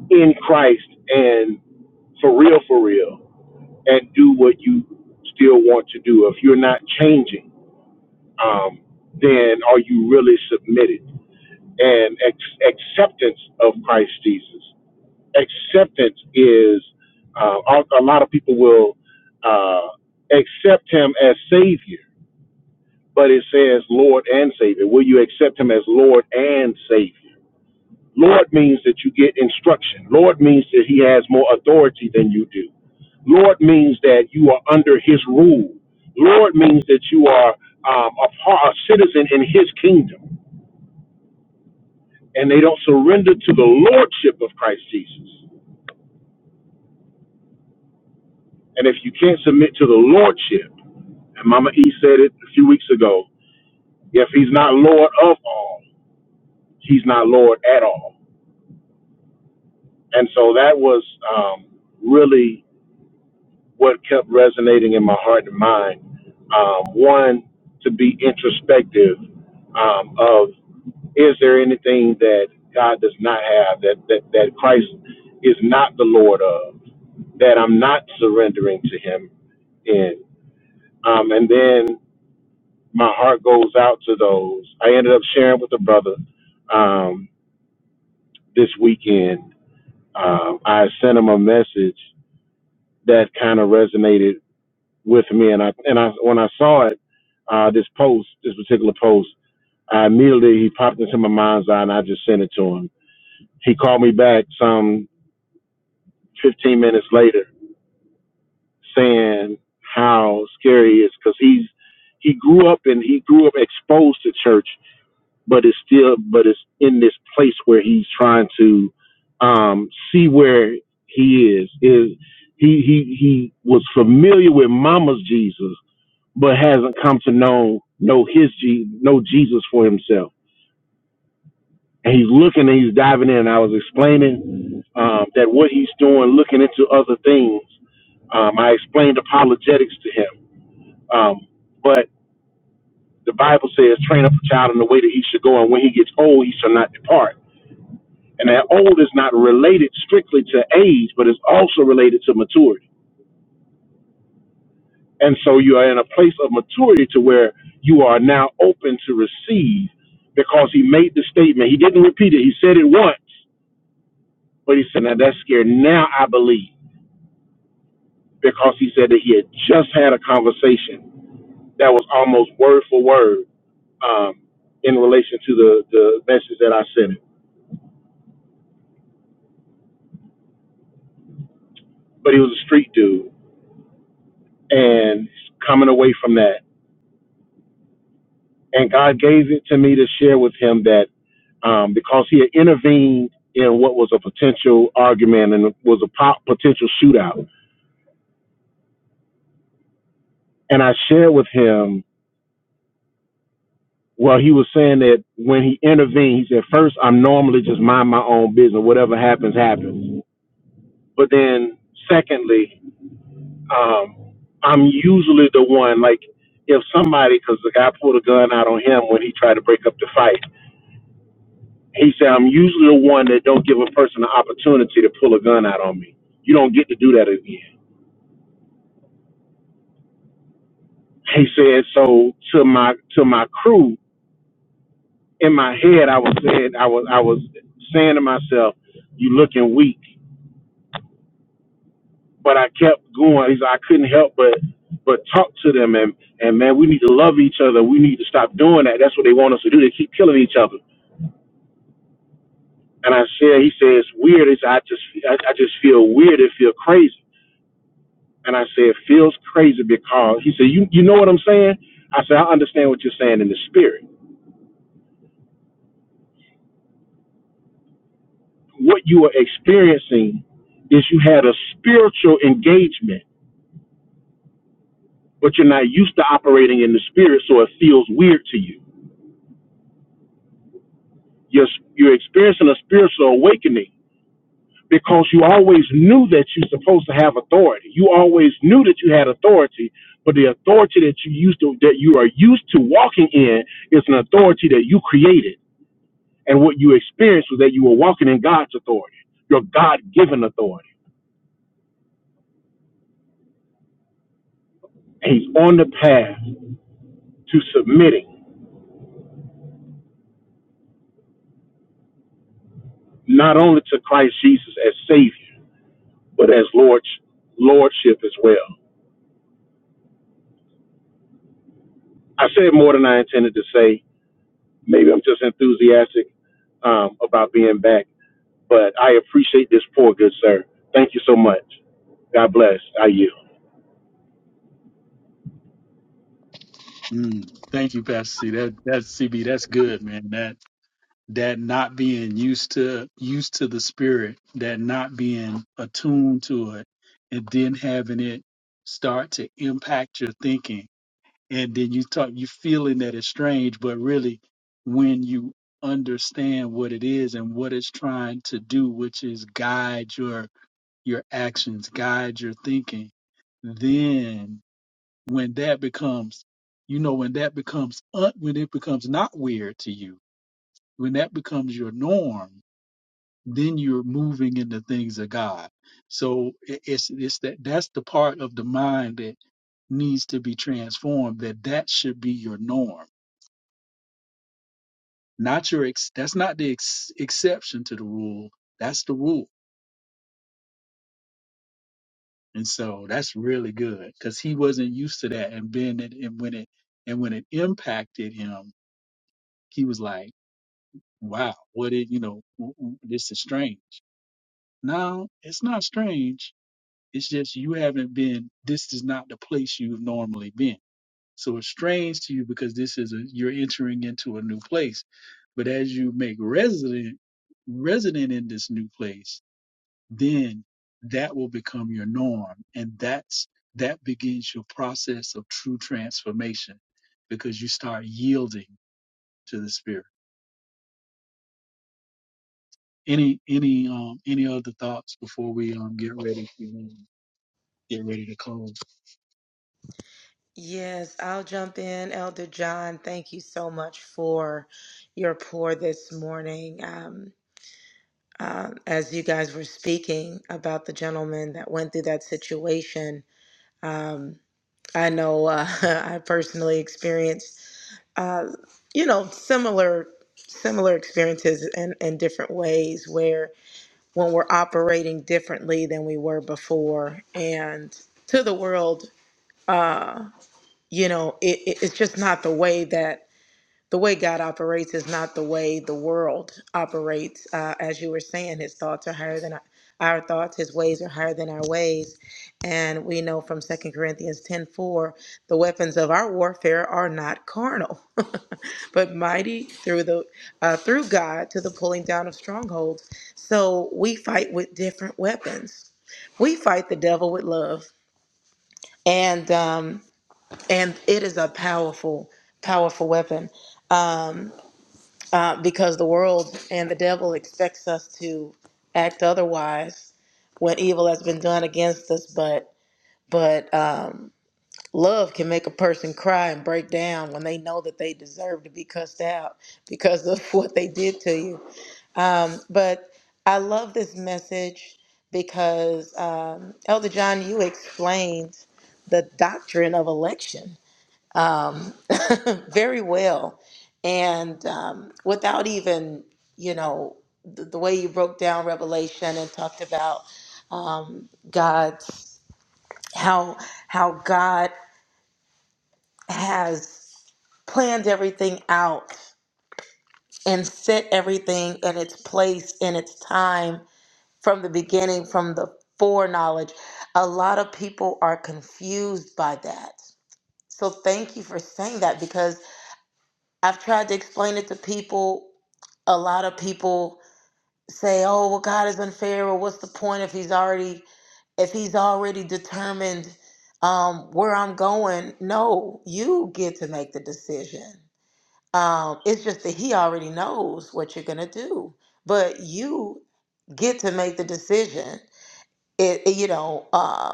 S4: in Christ and for real for real and do what you still want to do. If you're not changing, um, then are you really submitted? And ex- acceptance of Christ Jesus acceptance is uh, a, a lot of people will uh, accept him as savior, but it says Lord and Savior. Will you accept him as Lord and Savior? Lord means that you get instruction. Lord means that he has more authority than you do. Lord means that you are under his rule. Lord means that you are um, a, part, a citizen in his kingdom, and they don't surrender to the lordship of Christ Jesus. And if you can't submit to the lordship, And Mama E said it a few weeks ago. If he's not Lord of all, he's not Lord at all. And so that was um, really what kept resonating in my heart and mind. Um, one, to be introspective um, of is there anything that God does not have, that, that, that Christ is not the Lord of, that I'm not surrendering to him in. Um, and then my heart goes out to those. I ended up sharing with a brother um, this weekend. Um, I sent him a message that kind of resonated with me, and I and I when I saw it, uh, this post, this particular post, I immediately he popped into my mind's eye, and I just sent it to him. He called me back some 15 minutes later, saying how scary it is because he's he grew up and he grew up exposed to church but it's still but it's in this place where he's trying to um see where he is is he he he was familiar with mama's jesus but hasn't come to know know his G, know jesus for himself and he's looking and he's diving in i was explaining um that what he's doing looking into other things um i explained apologetics to him um but the bible says train up a child in the way that he should go and when he gets old he shall not depart And that old is not related strictly to age, but it's also related to maturity. And so you are in a place of maturity to where you are now open to receive because he made the statement. He didn't repeat it. He said it once, but he said, now that's scary." Now I believe because he said that he had just had a conversation that was almost word for word um, in relation to the, the message that I sent him. But he was a street dude and coming away from that. and God gave it to me to share with him that um, because he had intervened in what was a potential argument and was a po- potential shootout. And I shared with him, well, he was saying that when he intervened, he said, first, I'm normally just mind my own business. Whatever happens, happens. But then, secondly, um, I'm usually the one, like, if somebody, because the guy pulled a gun out on him when he tried to break up the fight He said, I'm usually the one that don't give a person an opportunity to pull a gun out on me. You don't get to do that again. He said, so to my to my crew, in my head I was saying I was I was saying to myself, You looking weak. But I kept going. He said, I couldn't help but but talk to them and and man, we need to love each other. We need to stop doing that. That's what they want us to do. They keep killing each other. And I said, he says, weird. He said, I just I, I just feel weird. It feel crazy. And I said, feels crazy because he said, you, you know what I'm saying? I said, I understand what you're saying in the spirit. What you are experiencing is you had a spiritual engagement, but you're not used to operating in the spirit, so it feels weird to you. You're, you're experiencing a spiritual awakening because you always knew that you're supposed to have authority. You always knew that you had authority, but the authority that you used to, that you are used to walking in is an authority that you created And what you experienced was that you were walking in God's authority, your God given authority. And He's on the path to submitting not only to Christ Jesus as Savior, but as Lord, Lordship as well. I said more than I intended to say. Maybe I'm just enthusiastic um, about being back, but I appreciate this poor good sir. Thank you so much. God bless. I yield.
S3: Mm, thank you, Pastor C. That, that's CB. That's good, man. That that not being used to used to the spirit, that not being attuned to it, and then having it start to impact your thinking, and then you talk you feeling that it's strange, but really when you understand what it is and what it's trying to do, which is guide your your actions, guide your thinking, then when that becomes you know when that becomes un- when it becomes not weird to you, when that becomes your norm then you're moving in the things of God. So i- it's it's that that's the part of the mind that needs to be transformed. That that should be your norm, not your ex. That's not the ex- exception to the rule. That's the rule, and so that's really good because he wasn't used to that. And then it, and when it and when it impacted him, he was like, "Wow, what did you know? w- w- This is strange." No, it's not strange It's just you haven't been, this is not the place you've normally been. So it's strange to you because this is a, you're entering into a new place. But as you make resident, resident in this new place, then that will become your norm. And that's, that begins your process of true transformation because you start yielding to the spirit. Any, any, um, any other thoughts before we, um, get ready, to, um, get ready to close?
S2: Yes, I'll jump in. Elder John, thank you so much for your pour this morning. Um, uh, as you guys were speaking about the gentleman that went through that situation, um, I know uh, (laughs) I personally experienced, uh, you know, similar similar experiences in, in different ways where. when we're operating differently than we were before. And to the world, uh, you know, it, it, it's just not the way that the way God operates is not the way the world operates. Uh, as you were saying, his thoughts are higher than our, our thoughts, his ways are higher than our ways. And we know from Second Corinthians 10 4, the weapons of our warfare are not carnal, (laughs) but mighty through the uh, through God to the pulling down of strongholds. So we fight with different weapons. We fight the devil with love. And um, and it is a powerful, powerful weapon. Um, uh, because the world and the devil expects us to act otherwise when evil has been done against us. But but um, love can make a person cry and break down when they know that they deserve to be cussed out because of (laughs) what they did to you. Um, but I love this message because um, Elder John, you explained the doctrine of election um, (laughs) very well. And um, without even, you know, the, the way you broke down Revelation and talked about um, God's how how God has planned everything out and set everything in its place in its time from the beginning, from the foreknowledge. A lot of people are confused by that. So thank you for saying that because I've tried to explain it to people. A lot of people say, "Oh, well, God is unfair, or what's the point if He's already if He's already determined um, where I'm going?" No, you get to make the decision. Um, it's just that He already knows what you're gonna do, but you get to make the decision. It, it- you know, uh,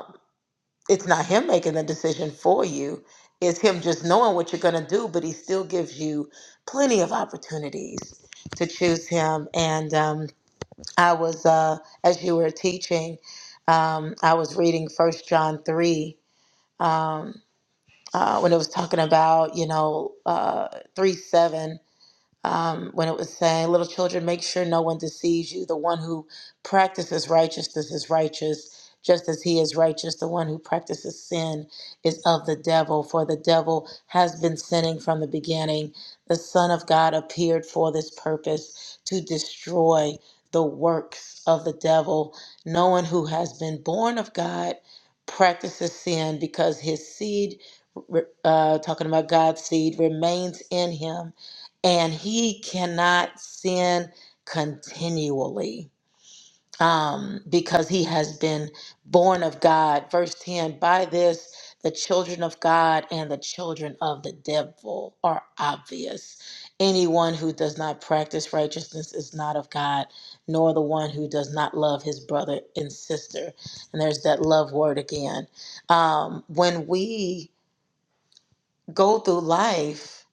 S2: it's not him making the decision for you it's him just knowing what you're going to do but he still gives you plenty of opportunities to choose him and um, i was uh, as you were teaching um, i was reading first john 3 um, uh, when it was talking about you know uh, 3 7 um, when it was saying, Little children, make sure no one deceives you. The one who practices righteousness is righteous, just as he is righteous. The one who practices sin is of the devil, for the devil has been sinning from the beginning. The Son of God appeared for this purpose to destroy the works of the devil. No one who has been born of God practices sin because his seed, re- uh, talking about God's seed, remains in him and he cannot sin continually um, because he has been born of God. Verse 10 By this, the children of God and the children of the devil are obvious. Anyone who does not practice righteousness is not of God, nor the one who does not love his brother and sister. And there's that love word again. Um, when we go through life,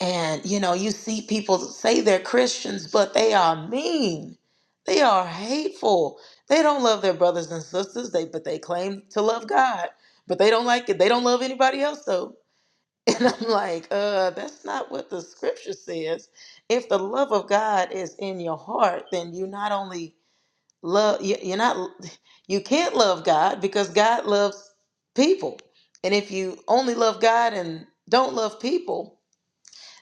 S2: and you know, you see people say they're Christians, but they are mean. They are hateful. They don't love their brothers and sisters. They but they claim to love God, but they don't like it. They don't love anybody else though. (laughs) And I'm like, uh, that's not what the scripture says. If the love of God is in your heart, then you not only love you- you're not you can't love God because God loves people. And if you only love God and don't love people,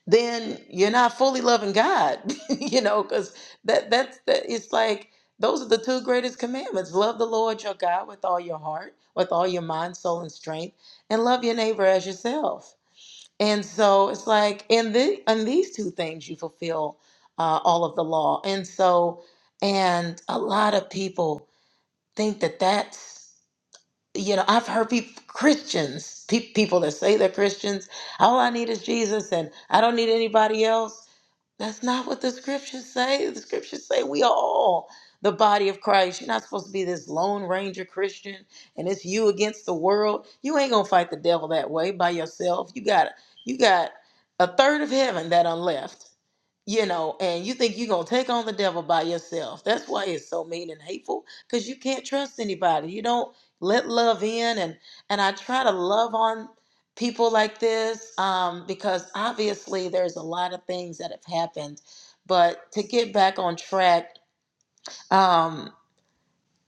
S2: then you're not fully loving God, (laughs) you know, because that that's that it's like those are the two greatest commandments. Love the Lord your God with all your heart, with all your mind, soul, and strength, and love your neighbor as yourself. And so it's like in the in these two things you fulfill uh, all of the law. And so and a lot of people think that that's you know, I've heard people, Christians, pe- people that say they're Christians, all I need is Jesus and I don't need anybody else. That's not what the scriptures say. The scriptures say we are all the body of Christ. You're not supposed to be this lone ranger Christian and it's you against the world. You ain't gonna fight the devil that way by yourself. You got you got a third of heaven that are left you know, and you think you're going to take on the devil by yourself. That's why it's so mean and hateful because you can't trust anybody. You don't let love in. And, and I try to love on people like this um, because obviously there's a lot of things that have happened. But to get back on track, um,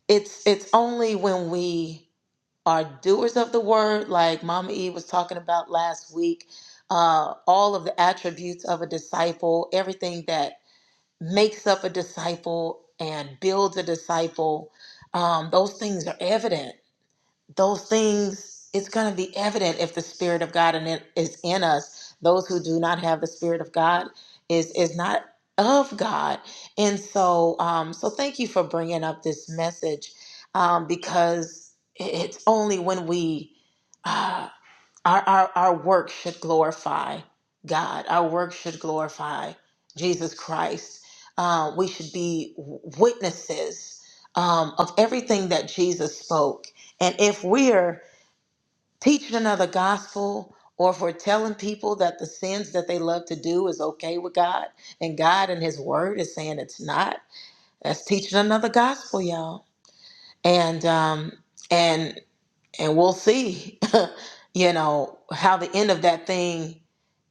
S2: it's, it's only when we are doers of the word, like Mama E was talking about last week, uh, all of the attributes of a disciple, everything that makes up a disciple and builds a disciple, um, those things are evident. Those things, it's going to be evident if the Spirit of God in it is in us. Those who do not have the Spirit of God is is not of God. And so, um, so thank you for bringing up this message um, because it- it's only when we. uh, our, our, our work should glorify God. Our work should glorify Jesus Christ. Uh, we should be witnesses um, of everything that Jesus spoke. And if we're teaching another gospel, or if we're telling people that the sins that they love to do is okay with God, and God and His Word is saying it's not, that's teaching another gospel, y'all. And um, and and we'll see, (laughs) you know, how the end of that thing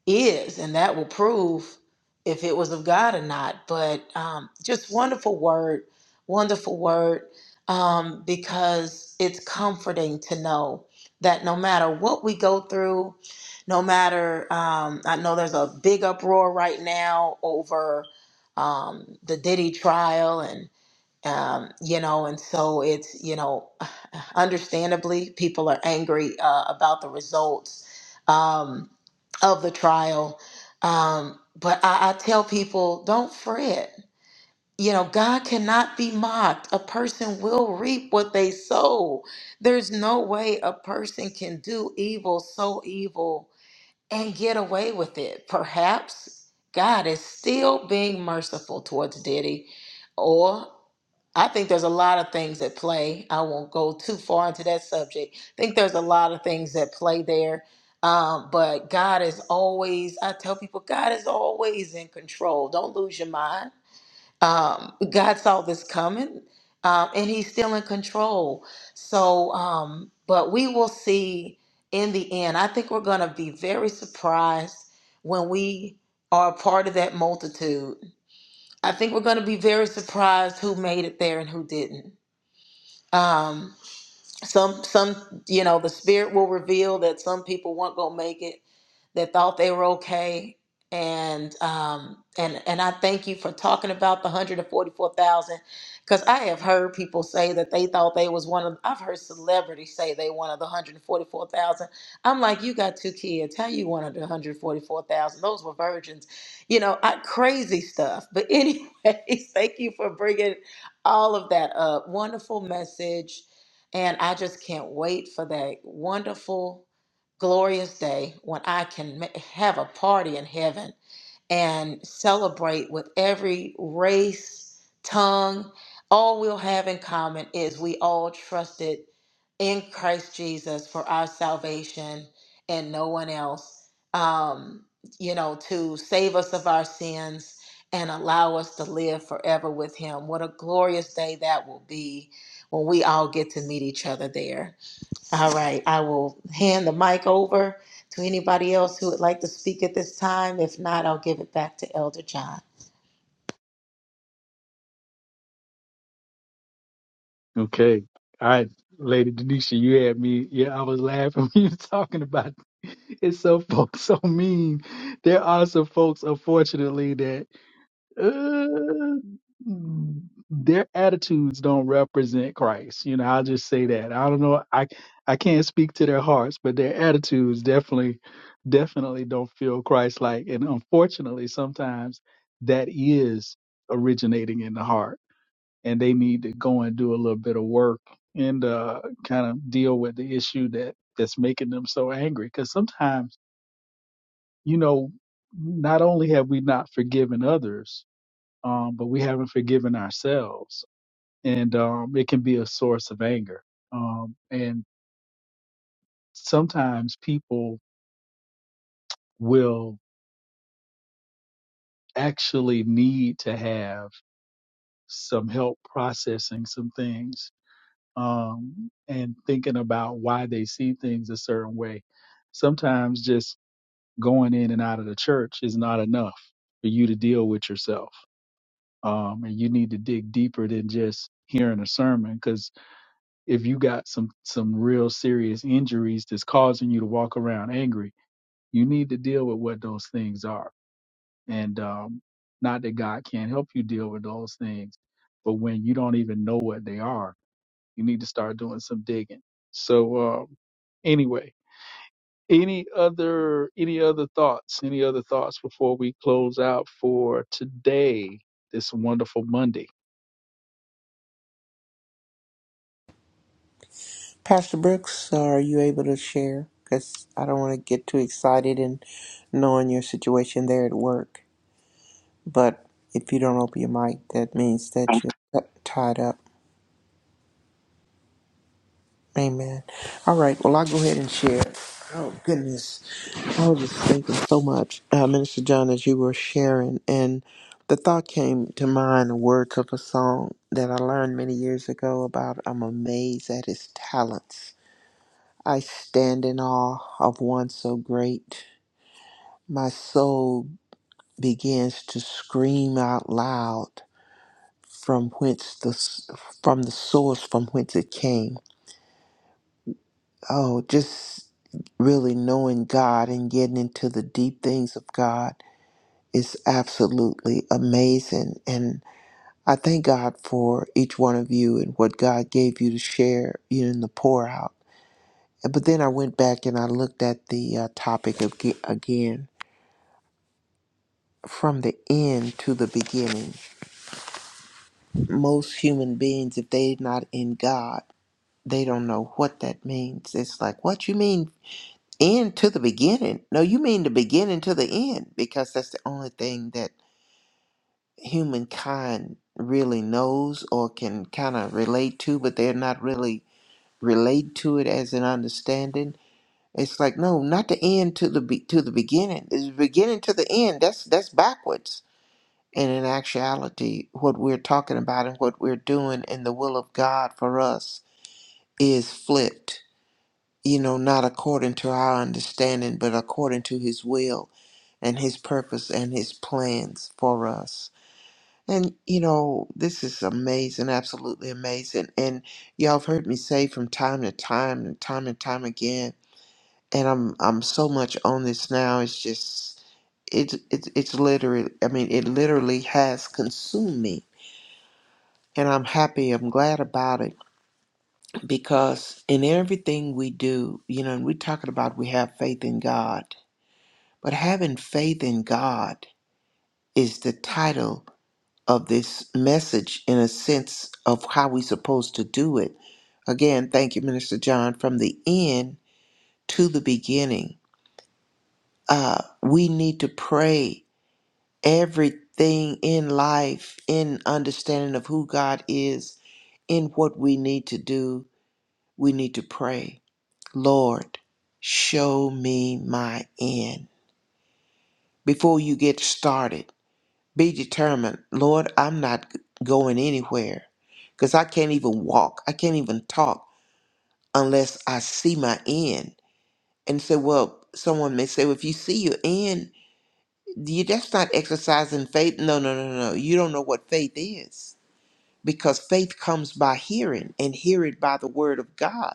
S2: is, and that will prove if it was of God or not. But um, just wonderful word, wonderful word, um, because it's comforting to know that no matter what we go through, no matter, um, I know there's a big uproar right now over um, the Diddy trial um, you know, and so it's, you know, (sighs) understandably, people are angry uh, about the results um, of the trial. Um, but I, I tell people, don't fret. You know, God cannot be mocked. A person will reap what they sow. There's no way a person can do evil, so evil, and get away with it. Perhaps God is still being merciful towards Diddy or. I think there's a lot of things at play. I won't go too far into that subject. I think there's a lot of things that play there. Um, but God is always, I tell people, God is always in control. Don't lose your mind. Um, God saw this coming um, and he's still in control. So, um, but we will see in the end. I think we're going to be very surprised when we are a part of that multitude I think we're going to be very surprised who made it there and who didn't. Um, some some you know the spirit will reveal that some people weren't gonna make it that thought they were okay and um and and i thank you for talking about the 144000 because i have heard people say that they thought they was one of i've heard celebrities say they one of the 144000 i'm like you got two kids how you one of the 144000 those were virgins you know I, crazy stuff but anyways (laughs) thank you for bringing all of that up wonderful message and I just can't wait for that wonderful, glorious day when I can ma- have a party in heaven and celebrate with every race, tongue. All we'll have in common is we all trusted in Christ Jesus for our salvation and no one else, um, you know, to save us of our sins and allow us to live forever with Him. What a glorious day that will be when we all get to meet each other there. All right, I will hand the mic over to anybody else who would like to speak at this time. If not, I'll give it back to Elder John.
S3: Okay. All right, Lady Denisha, you had me. Yeah, I was laughing (laughs) when you were talking about (laughs) it. it's so folks so mean. There are some folks, unfortunately, that uh, their attitudes don't represent Christ. You know, I'll just say that. I don't know. I I can't speak to their hearts, but their attitudes definitely, definitely don't feel Christ-like. And unfortunately, sometimes that is originating in the heart and they need to go and do a little bit of work and uh, kind of deal with the issue that that's making them so angry. Because sometimes, you know, not only have we not forgiven others, um, but we haven't forgiven ourselves, and um, it can be a source of anger. Um, and sometimes people will actually need to have some help processing some things um, and thinking about why they see things a certain way. Sometimes just going in and out of the church is not enough for you to deal with yourself. Um, and you need to dig deeper than just hearing a sermon because if you got some some real serious injuries that's causing you to walk around angry, you need to deal with what those things are. And um, not that God can't help you deal with those things, but when you don't even know what they are, you need to start doing some digging. So uh, Anyway, any other any other thoughts? Any other thoughts before we close out for today, this wonderful Monday?
S5: Pastor Brooks, are you able to share? Because I don't want to get too excited and knowing your situation there at work. But if you don't open your mic, that means that you're tied up. Amen. All right. Well, I'll go ahead and share. Oh, goodness. I was just thinking so much, uh, Minister John, as you were sharing. And the thought came to mind the words of a song that I learned many years ago about I'm amazed at his talents. I stand in awe of one so great. My soul begins to scream out loud from whence the from the source from whence it came. Oh, just really knowing God and getting into the deep things of God is absolutely amazing and I thank God for each one of you and what God gave you to share you know, in the pour out. But then I went back and I looked at the uh, topic ag- again from the end to the beginning. Most human beings, if they're not in God, they don't know what that means. It's like, what you mean end to the beginning? No, you mean the beginning to the end, because that's the only thing that humankind really knows or can kind of relate to, but they're not really relate to it as an understanding. It's like no, not the end to the be- to the beginning. It's beginning to the end. That's that's backwards And in actuality, what we're talking about and what we're doing in the will of God for us is flipped, you know, not according to our understanding, but according to His will and His purpose and His plans for us. And, you know, this is amazing, absolutely amazing. And y'all have heard me say from time to time and time and time again, and I'm, I'm so much on this now, it's just, it's, it's, it's literally, I mean, it literally has consumed me And I'm happy, I'm glad about it because in everything we do, you know, and we're talking about we have faith in God, but having faith in God is the title of this message in a sense of how we're supposed to do it. Again, thank you, Minister John, from the end to the beginning. Uh, we need to pray everything in life, in understanding of who God is, in what we need to do, we need to pray Lord, show me my end. Before you get started, be determined. Lord, I'm not going anywhere because I can't even walk. I can't even talk unless I see my end. And say, well, someone may say, well, if you see your end, you, that's not exercising faith. No, no, no, no. no. You don't know what faith is because faith comes by hearing and hear it by the word of God.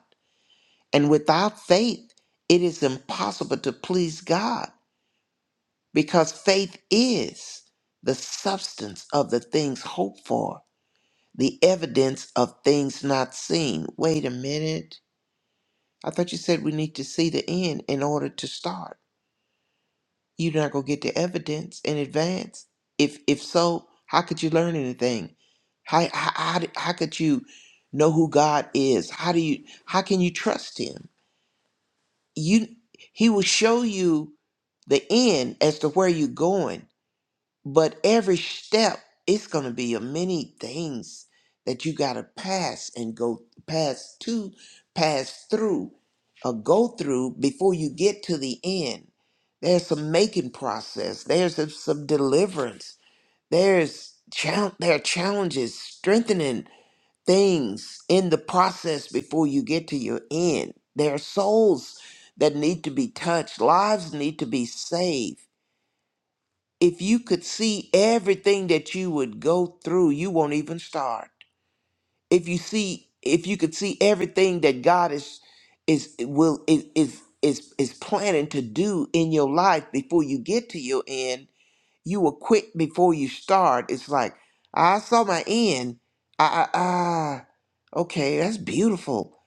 S5: And without faith, it is impossible to please God because faith is the substance of the things hoped for, the evidence of things not seen. Wait a minute. I thought you said we need to see the end in order to start. You're not going to get the evidence in advance. If if so, how could you learn anything? How, how, how, d- how could you know who God is? How do you how can you trust him? You he will show you the end as to where you're going But every step, it's going to be a many things that you got to pass and go pass to, pass through, or go through before you get to the end. There's some making process. There's some some deliverance. There's chal- there are challenges, strengthening things in the process before you get to your end. There are souls that need to be touched. Lives need to be saved if you could see everything that you would go through, you won't even start. If you see, if you could see everything that God is is will is is is, is planning to do in your life before you get to your end, you will quit before you start. It's like I saw my end. I I, I okay, that's beautiful,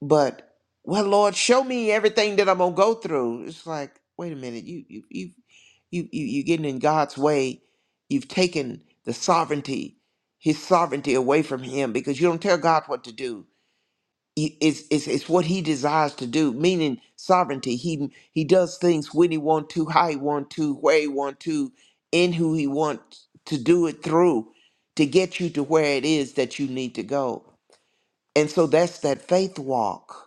S5: but well, Lord, show me everything that I'm gonna go through. It's like, wait a minute, you you you you, you you're getting in God's way. You've taken the sovereignty, His sovereignty away from Him because you don't tell God what to do. You- It's, it's, it's what He desires to do, meaning sovereignty. He He does things when He want to, how He want to, where He want to, in who He wants to do it through, to get you to where it is that you need to go. And so that's that faith walk.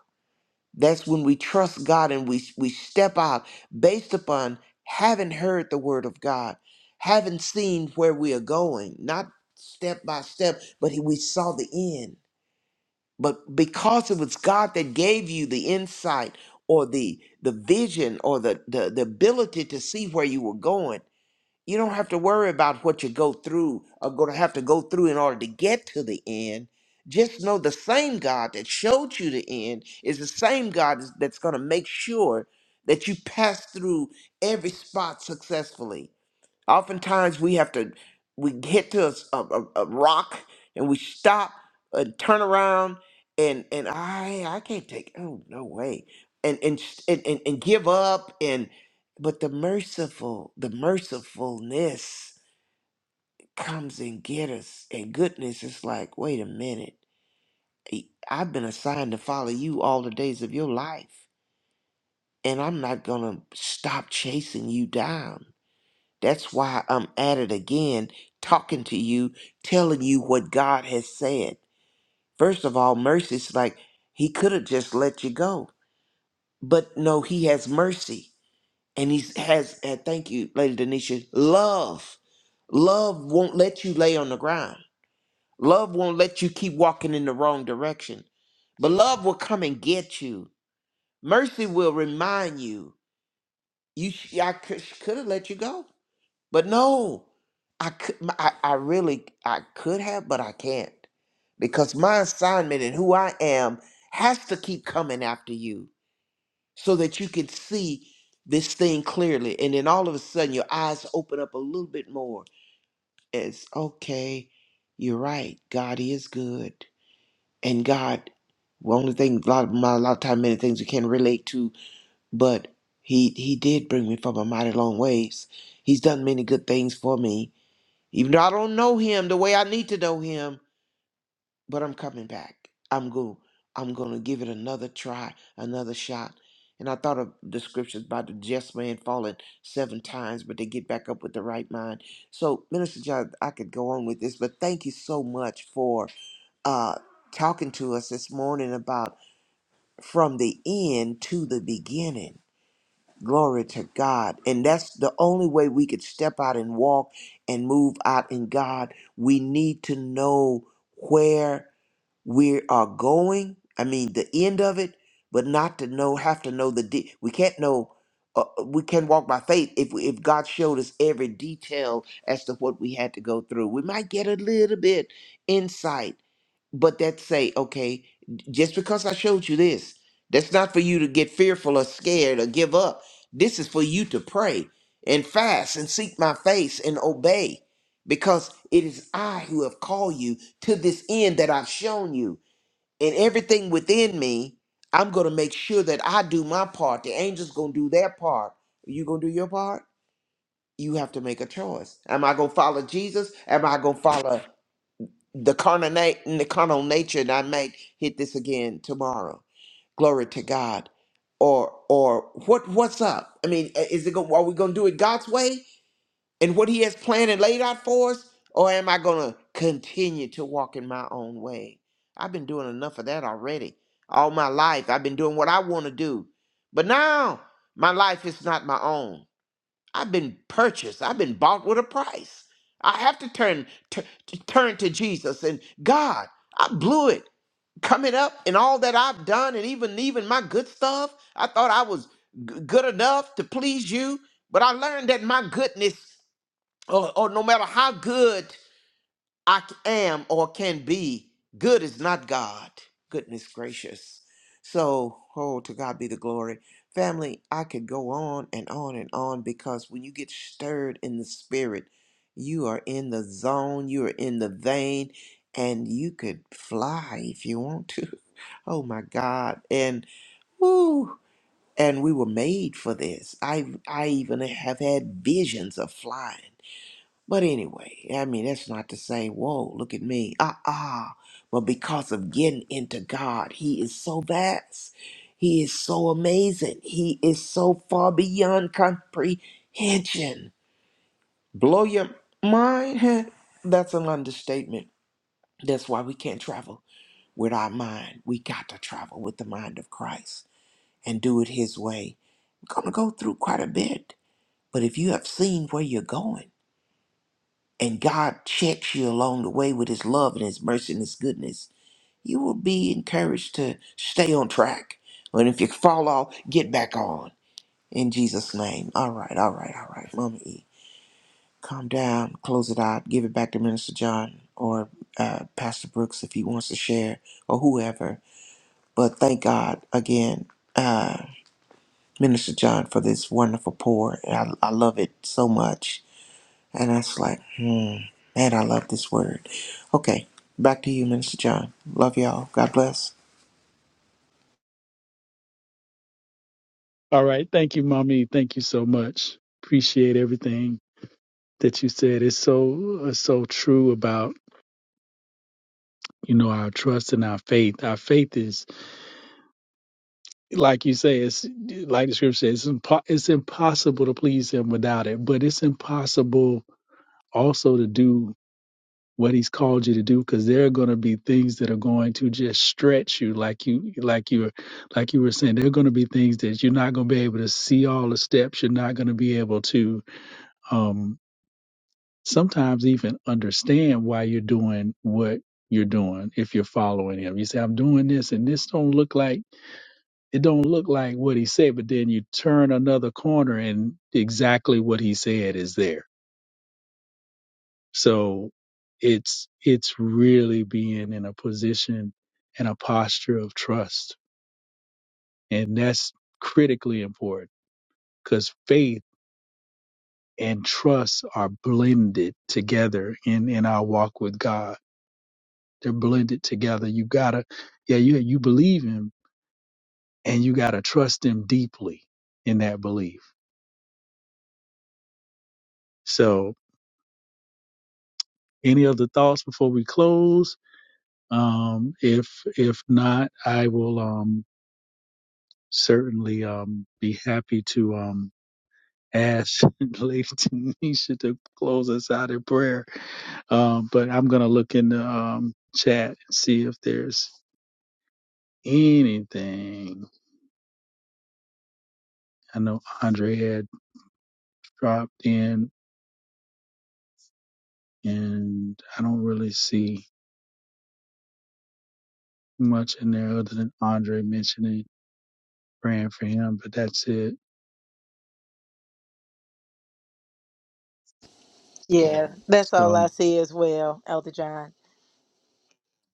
S5: That's when we trust God and we we step out based upon having heard the word of God, having seen where we are going, not step by step, but we saw the end. But because it was God that gave you the insight or the the vision or the the, the ability to see where you were going, you don't have to worry about what you go through or going to have to go through in order to get to the end. Just know the same God that showed you the end is the same God that's going to make sure that you pass through every spot successfully Oftentimes we have to we hit to a, s- a- a- a rock and we stop and turn around and and I I can't take oh no way and and s- and and, and give up and but the merciful the mercifulness comes and get us and goodness is like wait a minute I- I've been assigned to follow you all the days of your life and I'm not gonna stop chasing you down That's why I'm at it again, talking to you, telling you what God has said. First of all, mercy's like he could have just let you go. But no, he has mercy. And he has, uh, thank you, Lady Denisha, love. Love won't let you lay on the ground. Love won't let you keep walking in the wrong direction. But love will come and get you. Mercy will remind you. You, sh- I could have let you go. But no, I could, I, I really, I could have, but I can't because my assignment and who I am has to keep coming after you so that you can see this thing clearly. And then all of a sudden, your eyes open up a little bit more. It's okay, you're right. God is good, and God. The only thing, a lot of my a lot of time, many things we can relate to, but he he did bring me from a mighty long ways. He's done many good things for me even though I don't know him the way I need to know him, but I'm coming back. I'm going. I'm going to give it another try, another shot. And I thought of the scriptures about the just man falling seven times, but they get back up with the right mind. So, Minister John, I could go on with this, but thank you so much for uh, talking to us this morning about from the end to the beginning Glory to God. And that's the only way we could step out and walk and move out in God. We need to know where we are going. I mean, the end of it, but not to know, have to know the, de- we can't know, uh, uh, we can walk by faith if, we, if God showed us every detail as to what we had to go through. We might get a little bit insight but that say, okay, just because I showed you this, that's not for you to get fearful or scared or give up. This is for you to pray and fast and seek my face and obey because it is I who have called you to this end that I've shown you. And everything within me, I'm going to make sure that I do my part. The angels going to do their part. Are you going to do your part? You have to make a choice. Am I going to follow Jesus? Am I going to follow? the carnal, na- the carnal nature, and I might hit this again tomorrow. Glory to God. Or or what what's up? I mean, i- is it going? Are we going to do it God's way and what He has planned and laid out for us, or am I going to continue to walk in my own way? I've been doing enough of that already. All my life, I've been doing what I want to do, but now my life is not my own. I've been purchased. I've been bought with a price. I have to turn t- t- turn to Jesus and God. I blew it coming up and all that I've done and even even my good stuff. I thought I was g- good enough to please you, but I learned that my goodness, or, or no matter how good I am or can be. Good is not God. Goodness gracious. So, oh, to God be the glory. Family, I could go on and on and on because when you get stirred in the spirit, you are in the zone, you are in the vein, and you could fly if you want to. (laughs) Oh my God. And woo, and we were made for this. I I even have had visions of flying but anyway, I mean, that's not to say, whoa, look at me. Ah, ah. But because of getting into God, He is so vast. He is so amazing. He is so far beyond comprehension. Blow your mind? huh? That's an understatement. That's why we can't travel with our mind. We got to travel with the mind of Christ and do it His way. We're going to go through quite a bit. But if you have seen where you're going, and God checks you along the way with his love and his mercy and his goodness, you will be encouraged to stay on track. And if you fall off, get back on. In Jesus' name. All right, all right, all right. Mama E, calm down, close it out, give it back to Minister John or uh, Pastor Brooks if he wants to share or whoever. But thank God again, uh, Minister John, for this wonderful pour. I, I love it so much And I was like, hmm, man, I love this word. Okay, back to you, Minister John. Love y'all. God bless.
S3: All right. Thank you, mommy. Thank you so much. Appreciate everything that you said. It's so it's so true about you know our trust and our faith. Our faith is like you say. It's like the scripture says. It's, impo- it's impossible to please Him without it, but it's impossible also to do. what he's called you to do because there are going to be things that are going to just stretch you like you like you like you were saying there are going to be things that you're not going to be able to see all the steps you're not going to be able to um sometimes even understand why you're doing what you're doing if you're following him you say i'm doing this and this don't look like it don't look like what he said but then you turn another corner and exactly what he said is there So it's it's really being in a position and a posture of trust. And that's critically important because faith and trust are blended together in, in our walk with God. They're blended together. You gotta, yeah, you, you believe him and you gotta trust him deeply in that belief. So any other thoughts before we close? Um, if, if not, I will, Um, certainly um, be happy to um, ask (laughs) Lady Tanisha to close us out in prayer. Um, but I'm going to look in the um, chat and see if there's anything. I know Andre had dropped in, and I don't really see much in there other than Andre mentioning praying for him, but that's it.
S2: Yeah, that's all I
S3: So,
S2: see as well, Elder John.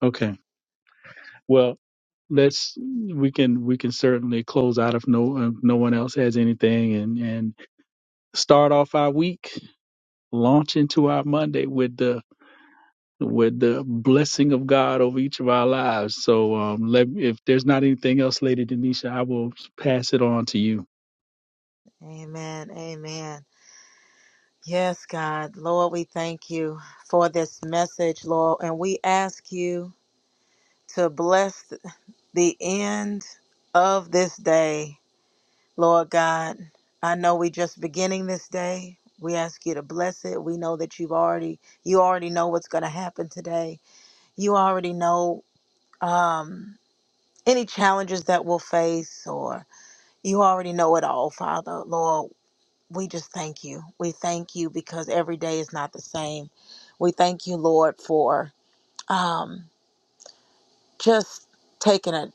S3: okay. Well, let's we can we can certainly close out if no if no one else has anything and and start off our week, launch into our Monday with the with the blessing of God over each of our lives. So um, let if there's not anything else, Lady Denisha, I will pass it on to you.
S2: Amen. Amen. Yes, God. Lord, we thank you for this message, Lord, and we ask you to bless the end of this day. Lord God, I know we just beginning this day. We ask you to bless it. We know that you've already you already know what's going to happen today. You already know um any challenges that we'll face or you already know it all, Father. Lord, we just thank you. We thank you because every day is not the same. We thank you, Lord, for um just taking it.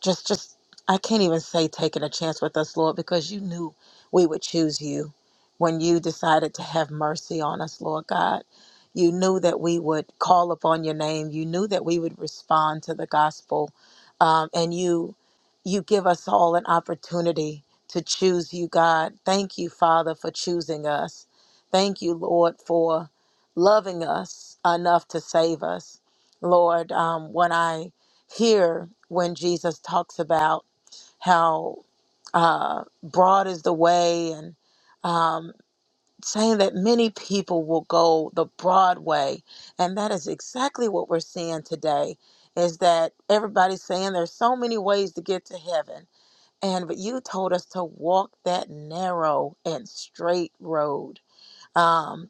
S2: Just, just, I can't even say taking a chance with us, Lord, because you knew we would choose you when you decided to have mercy on us, Lord God. You knew that we would call upon your name. You knew that we would respond to the gospel, um, and you, you give us all an opportunity to choose you, God. Thank you, Father, for choosing us. Thank you, Lord, for loving us enough to save us. Lord, um, when I here when Jesus talks about how uh, broad is the way and um, saying that many people will go the broad way. And that is exactly what we're seeing today is that everybody's saying there's so many ways to get to heaven. And but you told us to walk that narrow and straight road. Um,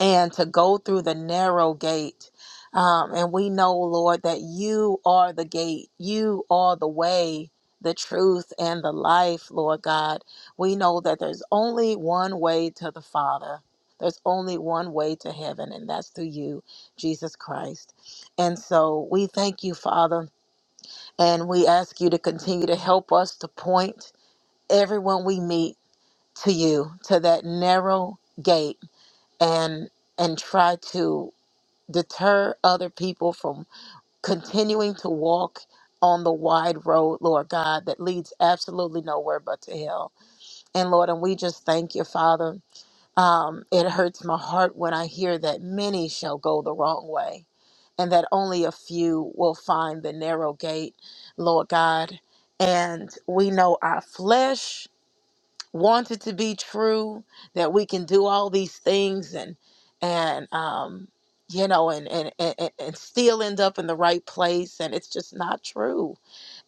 S2: and to go through the narrow gate. Um, and we know, Lord, that you are the gate, you are the way. The truth and the life, Lord God. We know that there's only one way to the Father. There's only one way to heaven, and that's through you, Jesus Christ. And so we thank you, Father, and we ask you to continue to help us to point everyone we meet to you, to that narrow gate, and and try to deter other people from continuing to walk on the wide road, Lord God, that leads absolutely nowhere but to hell. And Lord, and we just thank you, Father. Um, it hurts my heart when I hear that many shall go the wrong way and that only a few will find the narrow gate, Lord God. And we know our flesh want it to be true that we can do all these things and and um you know and and, and and and still end up in the right place and it's just not true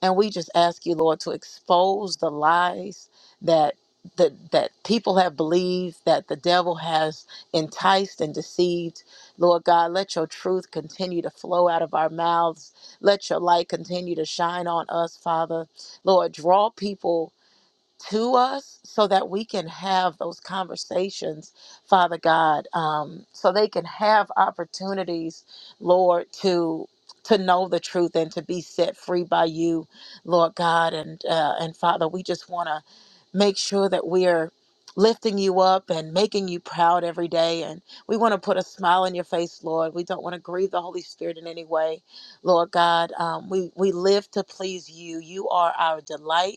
S2: and we just ask you lord to expose the lies that that, that people have believed that the devil has enticed and deceived lord god let your truth continue to flow out of our mouths let your light continue to shine on us father lord draw people to us so that we can have those conversations, Father God, um, so they can have opportunities, Lord, to to know the truth and to be set free by you, Lord God, and uh, and Father, we just want to make sure that we are lifting you up and making you proud every day and we want to put a smile on your face lord we don't want to grieve the holy spirit in any way lord god um, we we live to please you you are our delight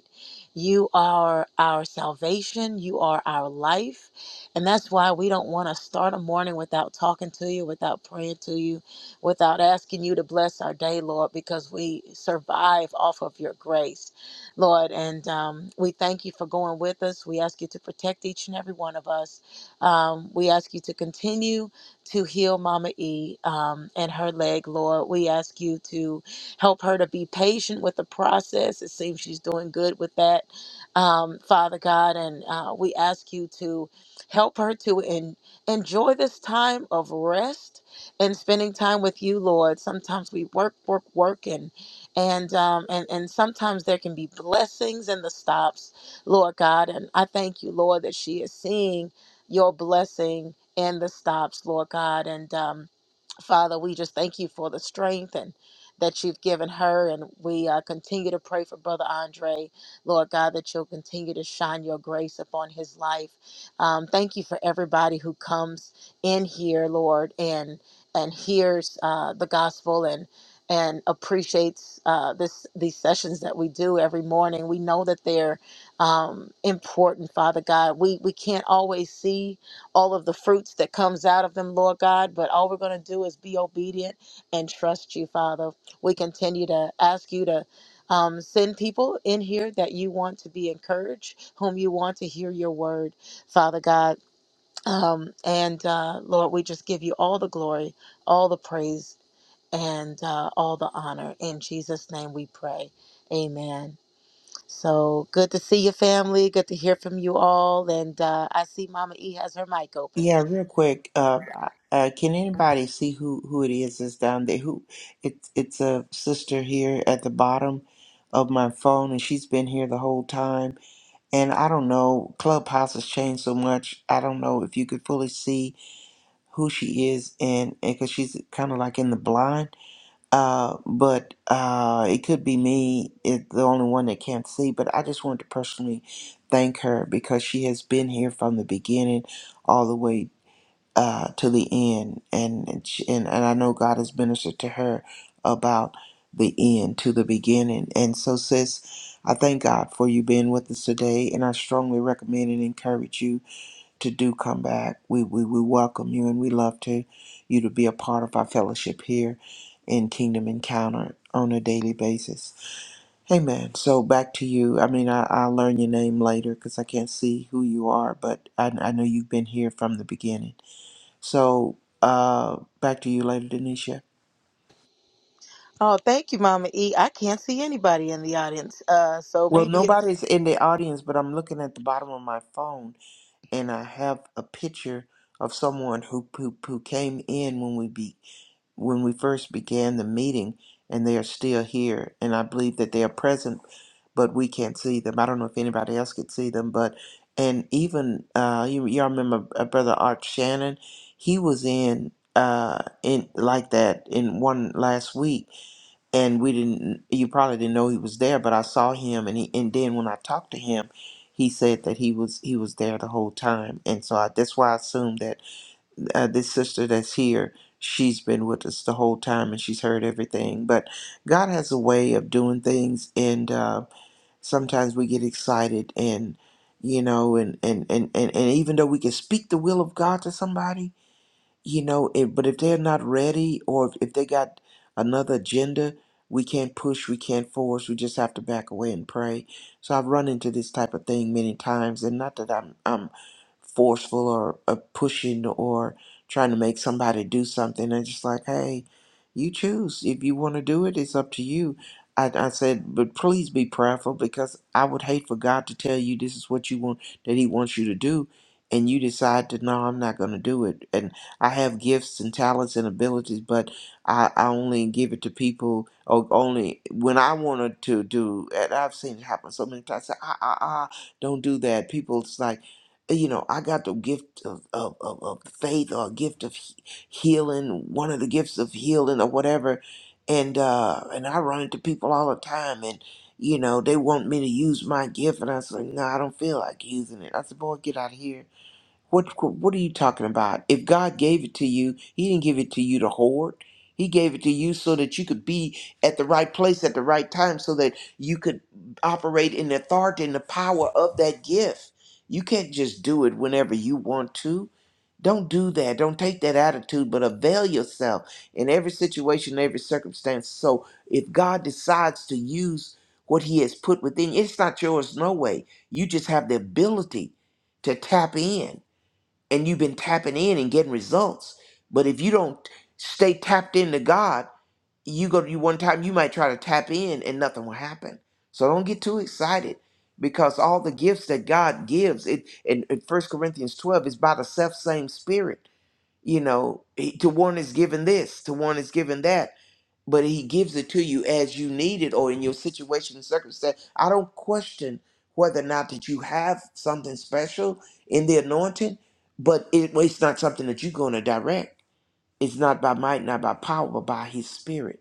S2: you are our salvation. You are our life. And that's why we don't want to start a morning without talking to you, without praying to you, without asking you to bless our day, Lord, because we survive off of your grace, Lord. And um, we thank you for going with us. We ask you to protect each and every one of us. Um, we ask you to continue to heal Mama E um, and her leg, Lord. We ask you to Help her to be patient with the process. It seems she's doing good with that, um, Father God. And uh, we ask you to help her to en- enjoy this time of rest and spending time with you, Lord. Sometimes we work, work, work, and and um, and and sometimes there can be blessings in the stops, Lord God. And I thank you, Lord, that she is seeing your blessing in the stops, Lord God. And um, Father, we just thank you for the strength and that you've given her. And we uh, continue to pray for Brother Andre, Lord God, that you'll continue to shine your grace upon his life. Um, thank you for everybody who comes in here, Lord, and and hears uh, the gospel and and appreciates uh, this these sessions that we do every morning. We know that they're um, important, Father God. We we can't always see all of the fruits that comes out of them, Lord God. But all we're going to do is be obedient and trust you, Father. We continue to ask you to um, send people in here that you want to be encouraged, whom you want to hear your word, Father God. Um, and uh, Lord, we just give you all the glory, all the praise, and uh, all the honor. In Jesus' name we pray. Amen. So good to see your family. Good to hear from you all. And uh, I see Mama E has her mic open.
S5: Yeah, real quick. Uh, uh, can anybody see who who it is that's down there? Who? It's it's a sister here at the bottom of my phone, and she's been here the whole time. And I don't know. Clubhouse has changed so much. I don't know if you could fully see who she is, and because she's kind of like in the blind. Uh, but uh, it could be me, it, the only one that can't see. But I just wanted to personally thank her because she has been here from the beginning all the way uh, to the end, and and, she, and and I know God has ministered to her about the end to the beginning. And so, sis, I thank God for you being with us today, and I strongly recommend and encourage you to do come back. We, we, we welcome you and we love to you to be a part of our fellowship here in Kingdom Encounter on a daily basis. Amen. So back to you. I mean, I, I'll learn your name later because I can't see who you are, but I, I know you've been here from the beginning. So uh, back to you later, Denisha.
S2: Oh, thank you, Mama E. I can't see anybody in the audience. Uh, so
S5: Well,
S2: maybe it's
S5: nobody's in the audience, but I'm looking at the bottom of my phone and I have a picture of someone who who, who came in when we be. when we first began the meeting, and they are still here. And I believe that they are present, but we can't see them. I don't know if anybody else could see them, but and even uh, you, y'all remember uh, Brother Art Shannon, he was in uh in like that in one last week and we didn't you probably didn't know he was there but i saw him and he and then when i talked to him he said that he was he was there the whole time and so I, that's why i assumed that uh, this sister that's here, she's been with us the whole time and she's heard everything. But God has a way of doing things, and uh, sometimes we get excited and you know, and and, and and and even though we can speak the will of God to somebody, you know if, but if they're not ready or if, if they got another agenda we can't push we can't force we just have to back away and pray so i've run into this type of thing many times and not that i'm i'm forceful or, or pushing or trying to make somebody do something i'm just like hey you choose if you want to do it it's up to you I, I said but please be prayerful because i would hate for god to tell you this is what you want that he wants you to do and you decide to no i'm not going to do it I have gifts and talents and abilities, but I, I only give it to people or only when I wanted to do. And I've seen it happen so many times. I, ah, ah, ah, don't do that. People, it's like, eh, you know, I got the gift of, of, of, of faith or a gift of he- healing, one of the gifts of healing or whatever. And, uh, and I run into people all the time and, you know, they want me to use my gift. And I said, no, I don't feel like using it. I said, boy, get out of here what what are you talking about? If God gave it to you, he didn't give it to you to hoard. He gave it to you so that you could be at the right place at the right time so that you could operate in the authority and the power of that gift. You can't just do it whenever you want to. Don't do that. Don't take that attitude, but avail yourself in every situation, every circumstance. So if God decides to use what he has put within, it's not yours no way. You just have the ability to tap in and you've been tapping in and getting results. But if you don't stay tapped into God, you go to you one time, you might try to tap in and nothing will happen. So don't get too excited because all the gifts that God gives, it in, in 1 Corinthians 12 is by the self same spirit. You know, he- to one is given this, to one is given that but he gives it to you as you need it or in your situation and circumstance. I don't question whether or not that you have something special in the anointing, but it, well, it's not something that you're going to direct. It's not by might, not by power, but by his spirit,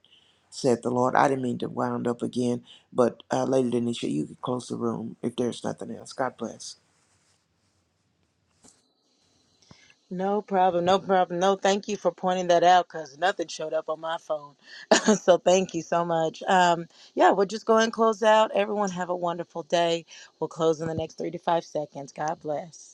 S5: said the Lord. I didn't mean to wound up again, but uh, Lady Denisha, you can close the room if there's nothing else. God bless.
S2: no problem, no problem. No, thank you for pointing that out because nothing showed up on my phone. (laughs) so thank you so much. Um, yeah, we'll just go and close out. Everyone have a wonderful day. We'll close in the next three to five seconds. God bless.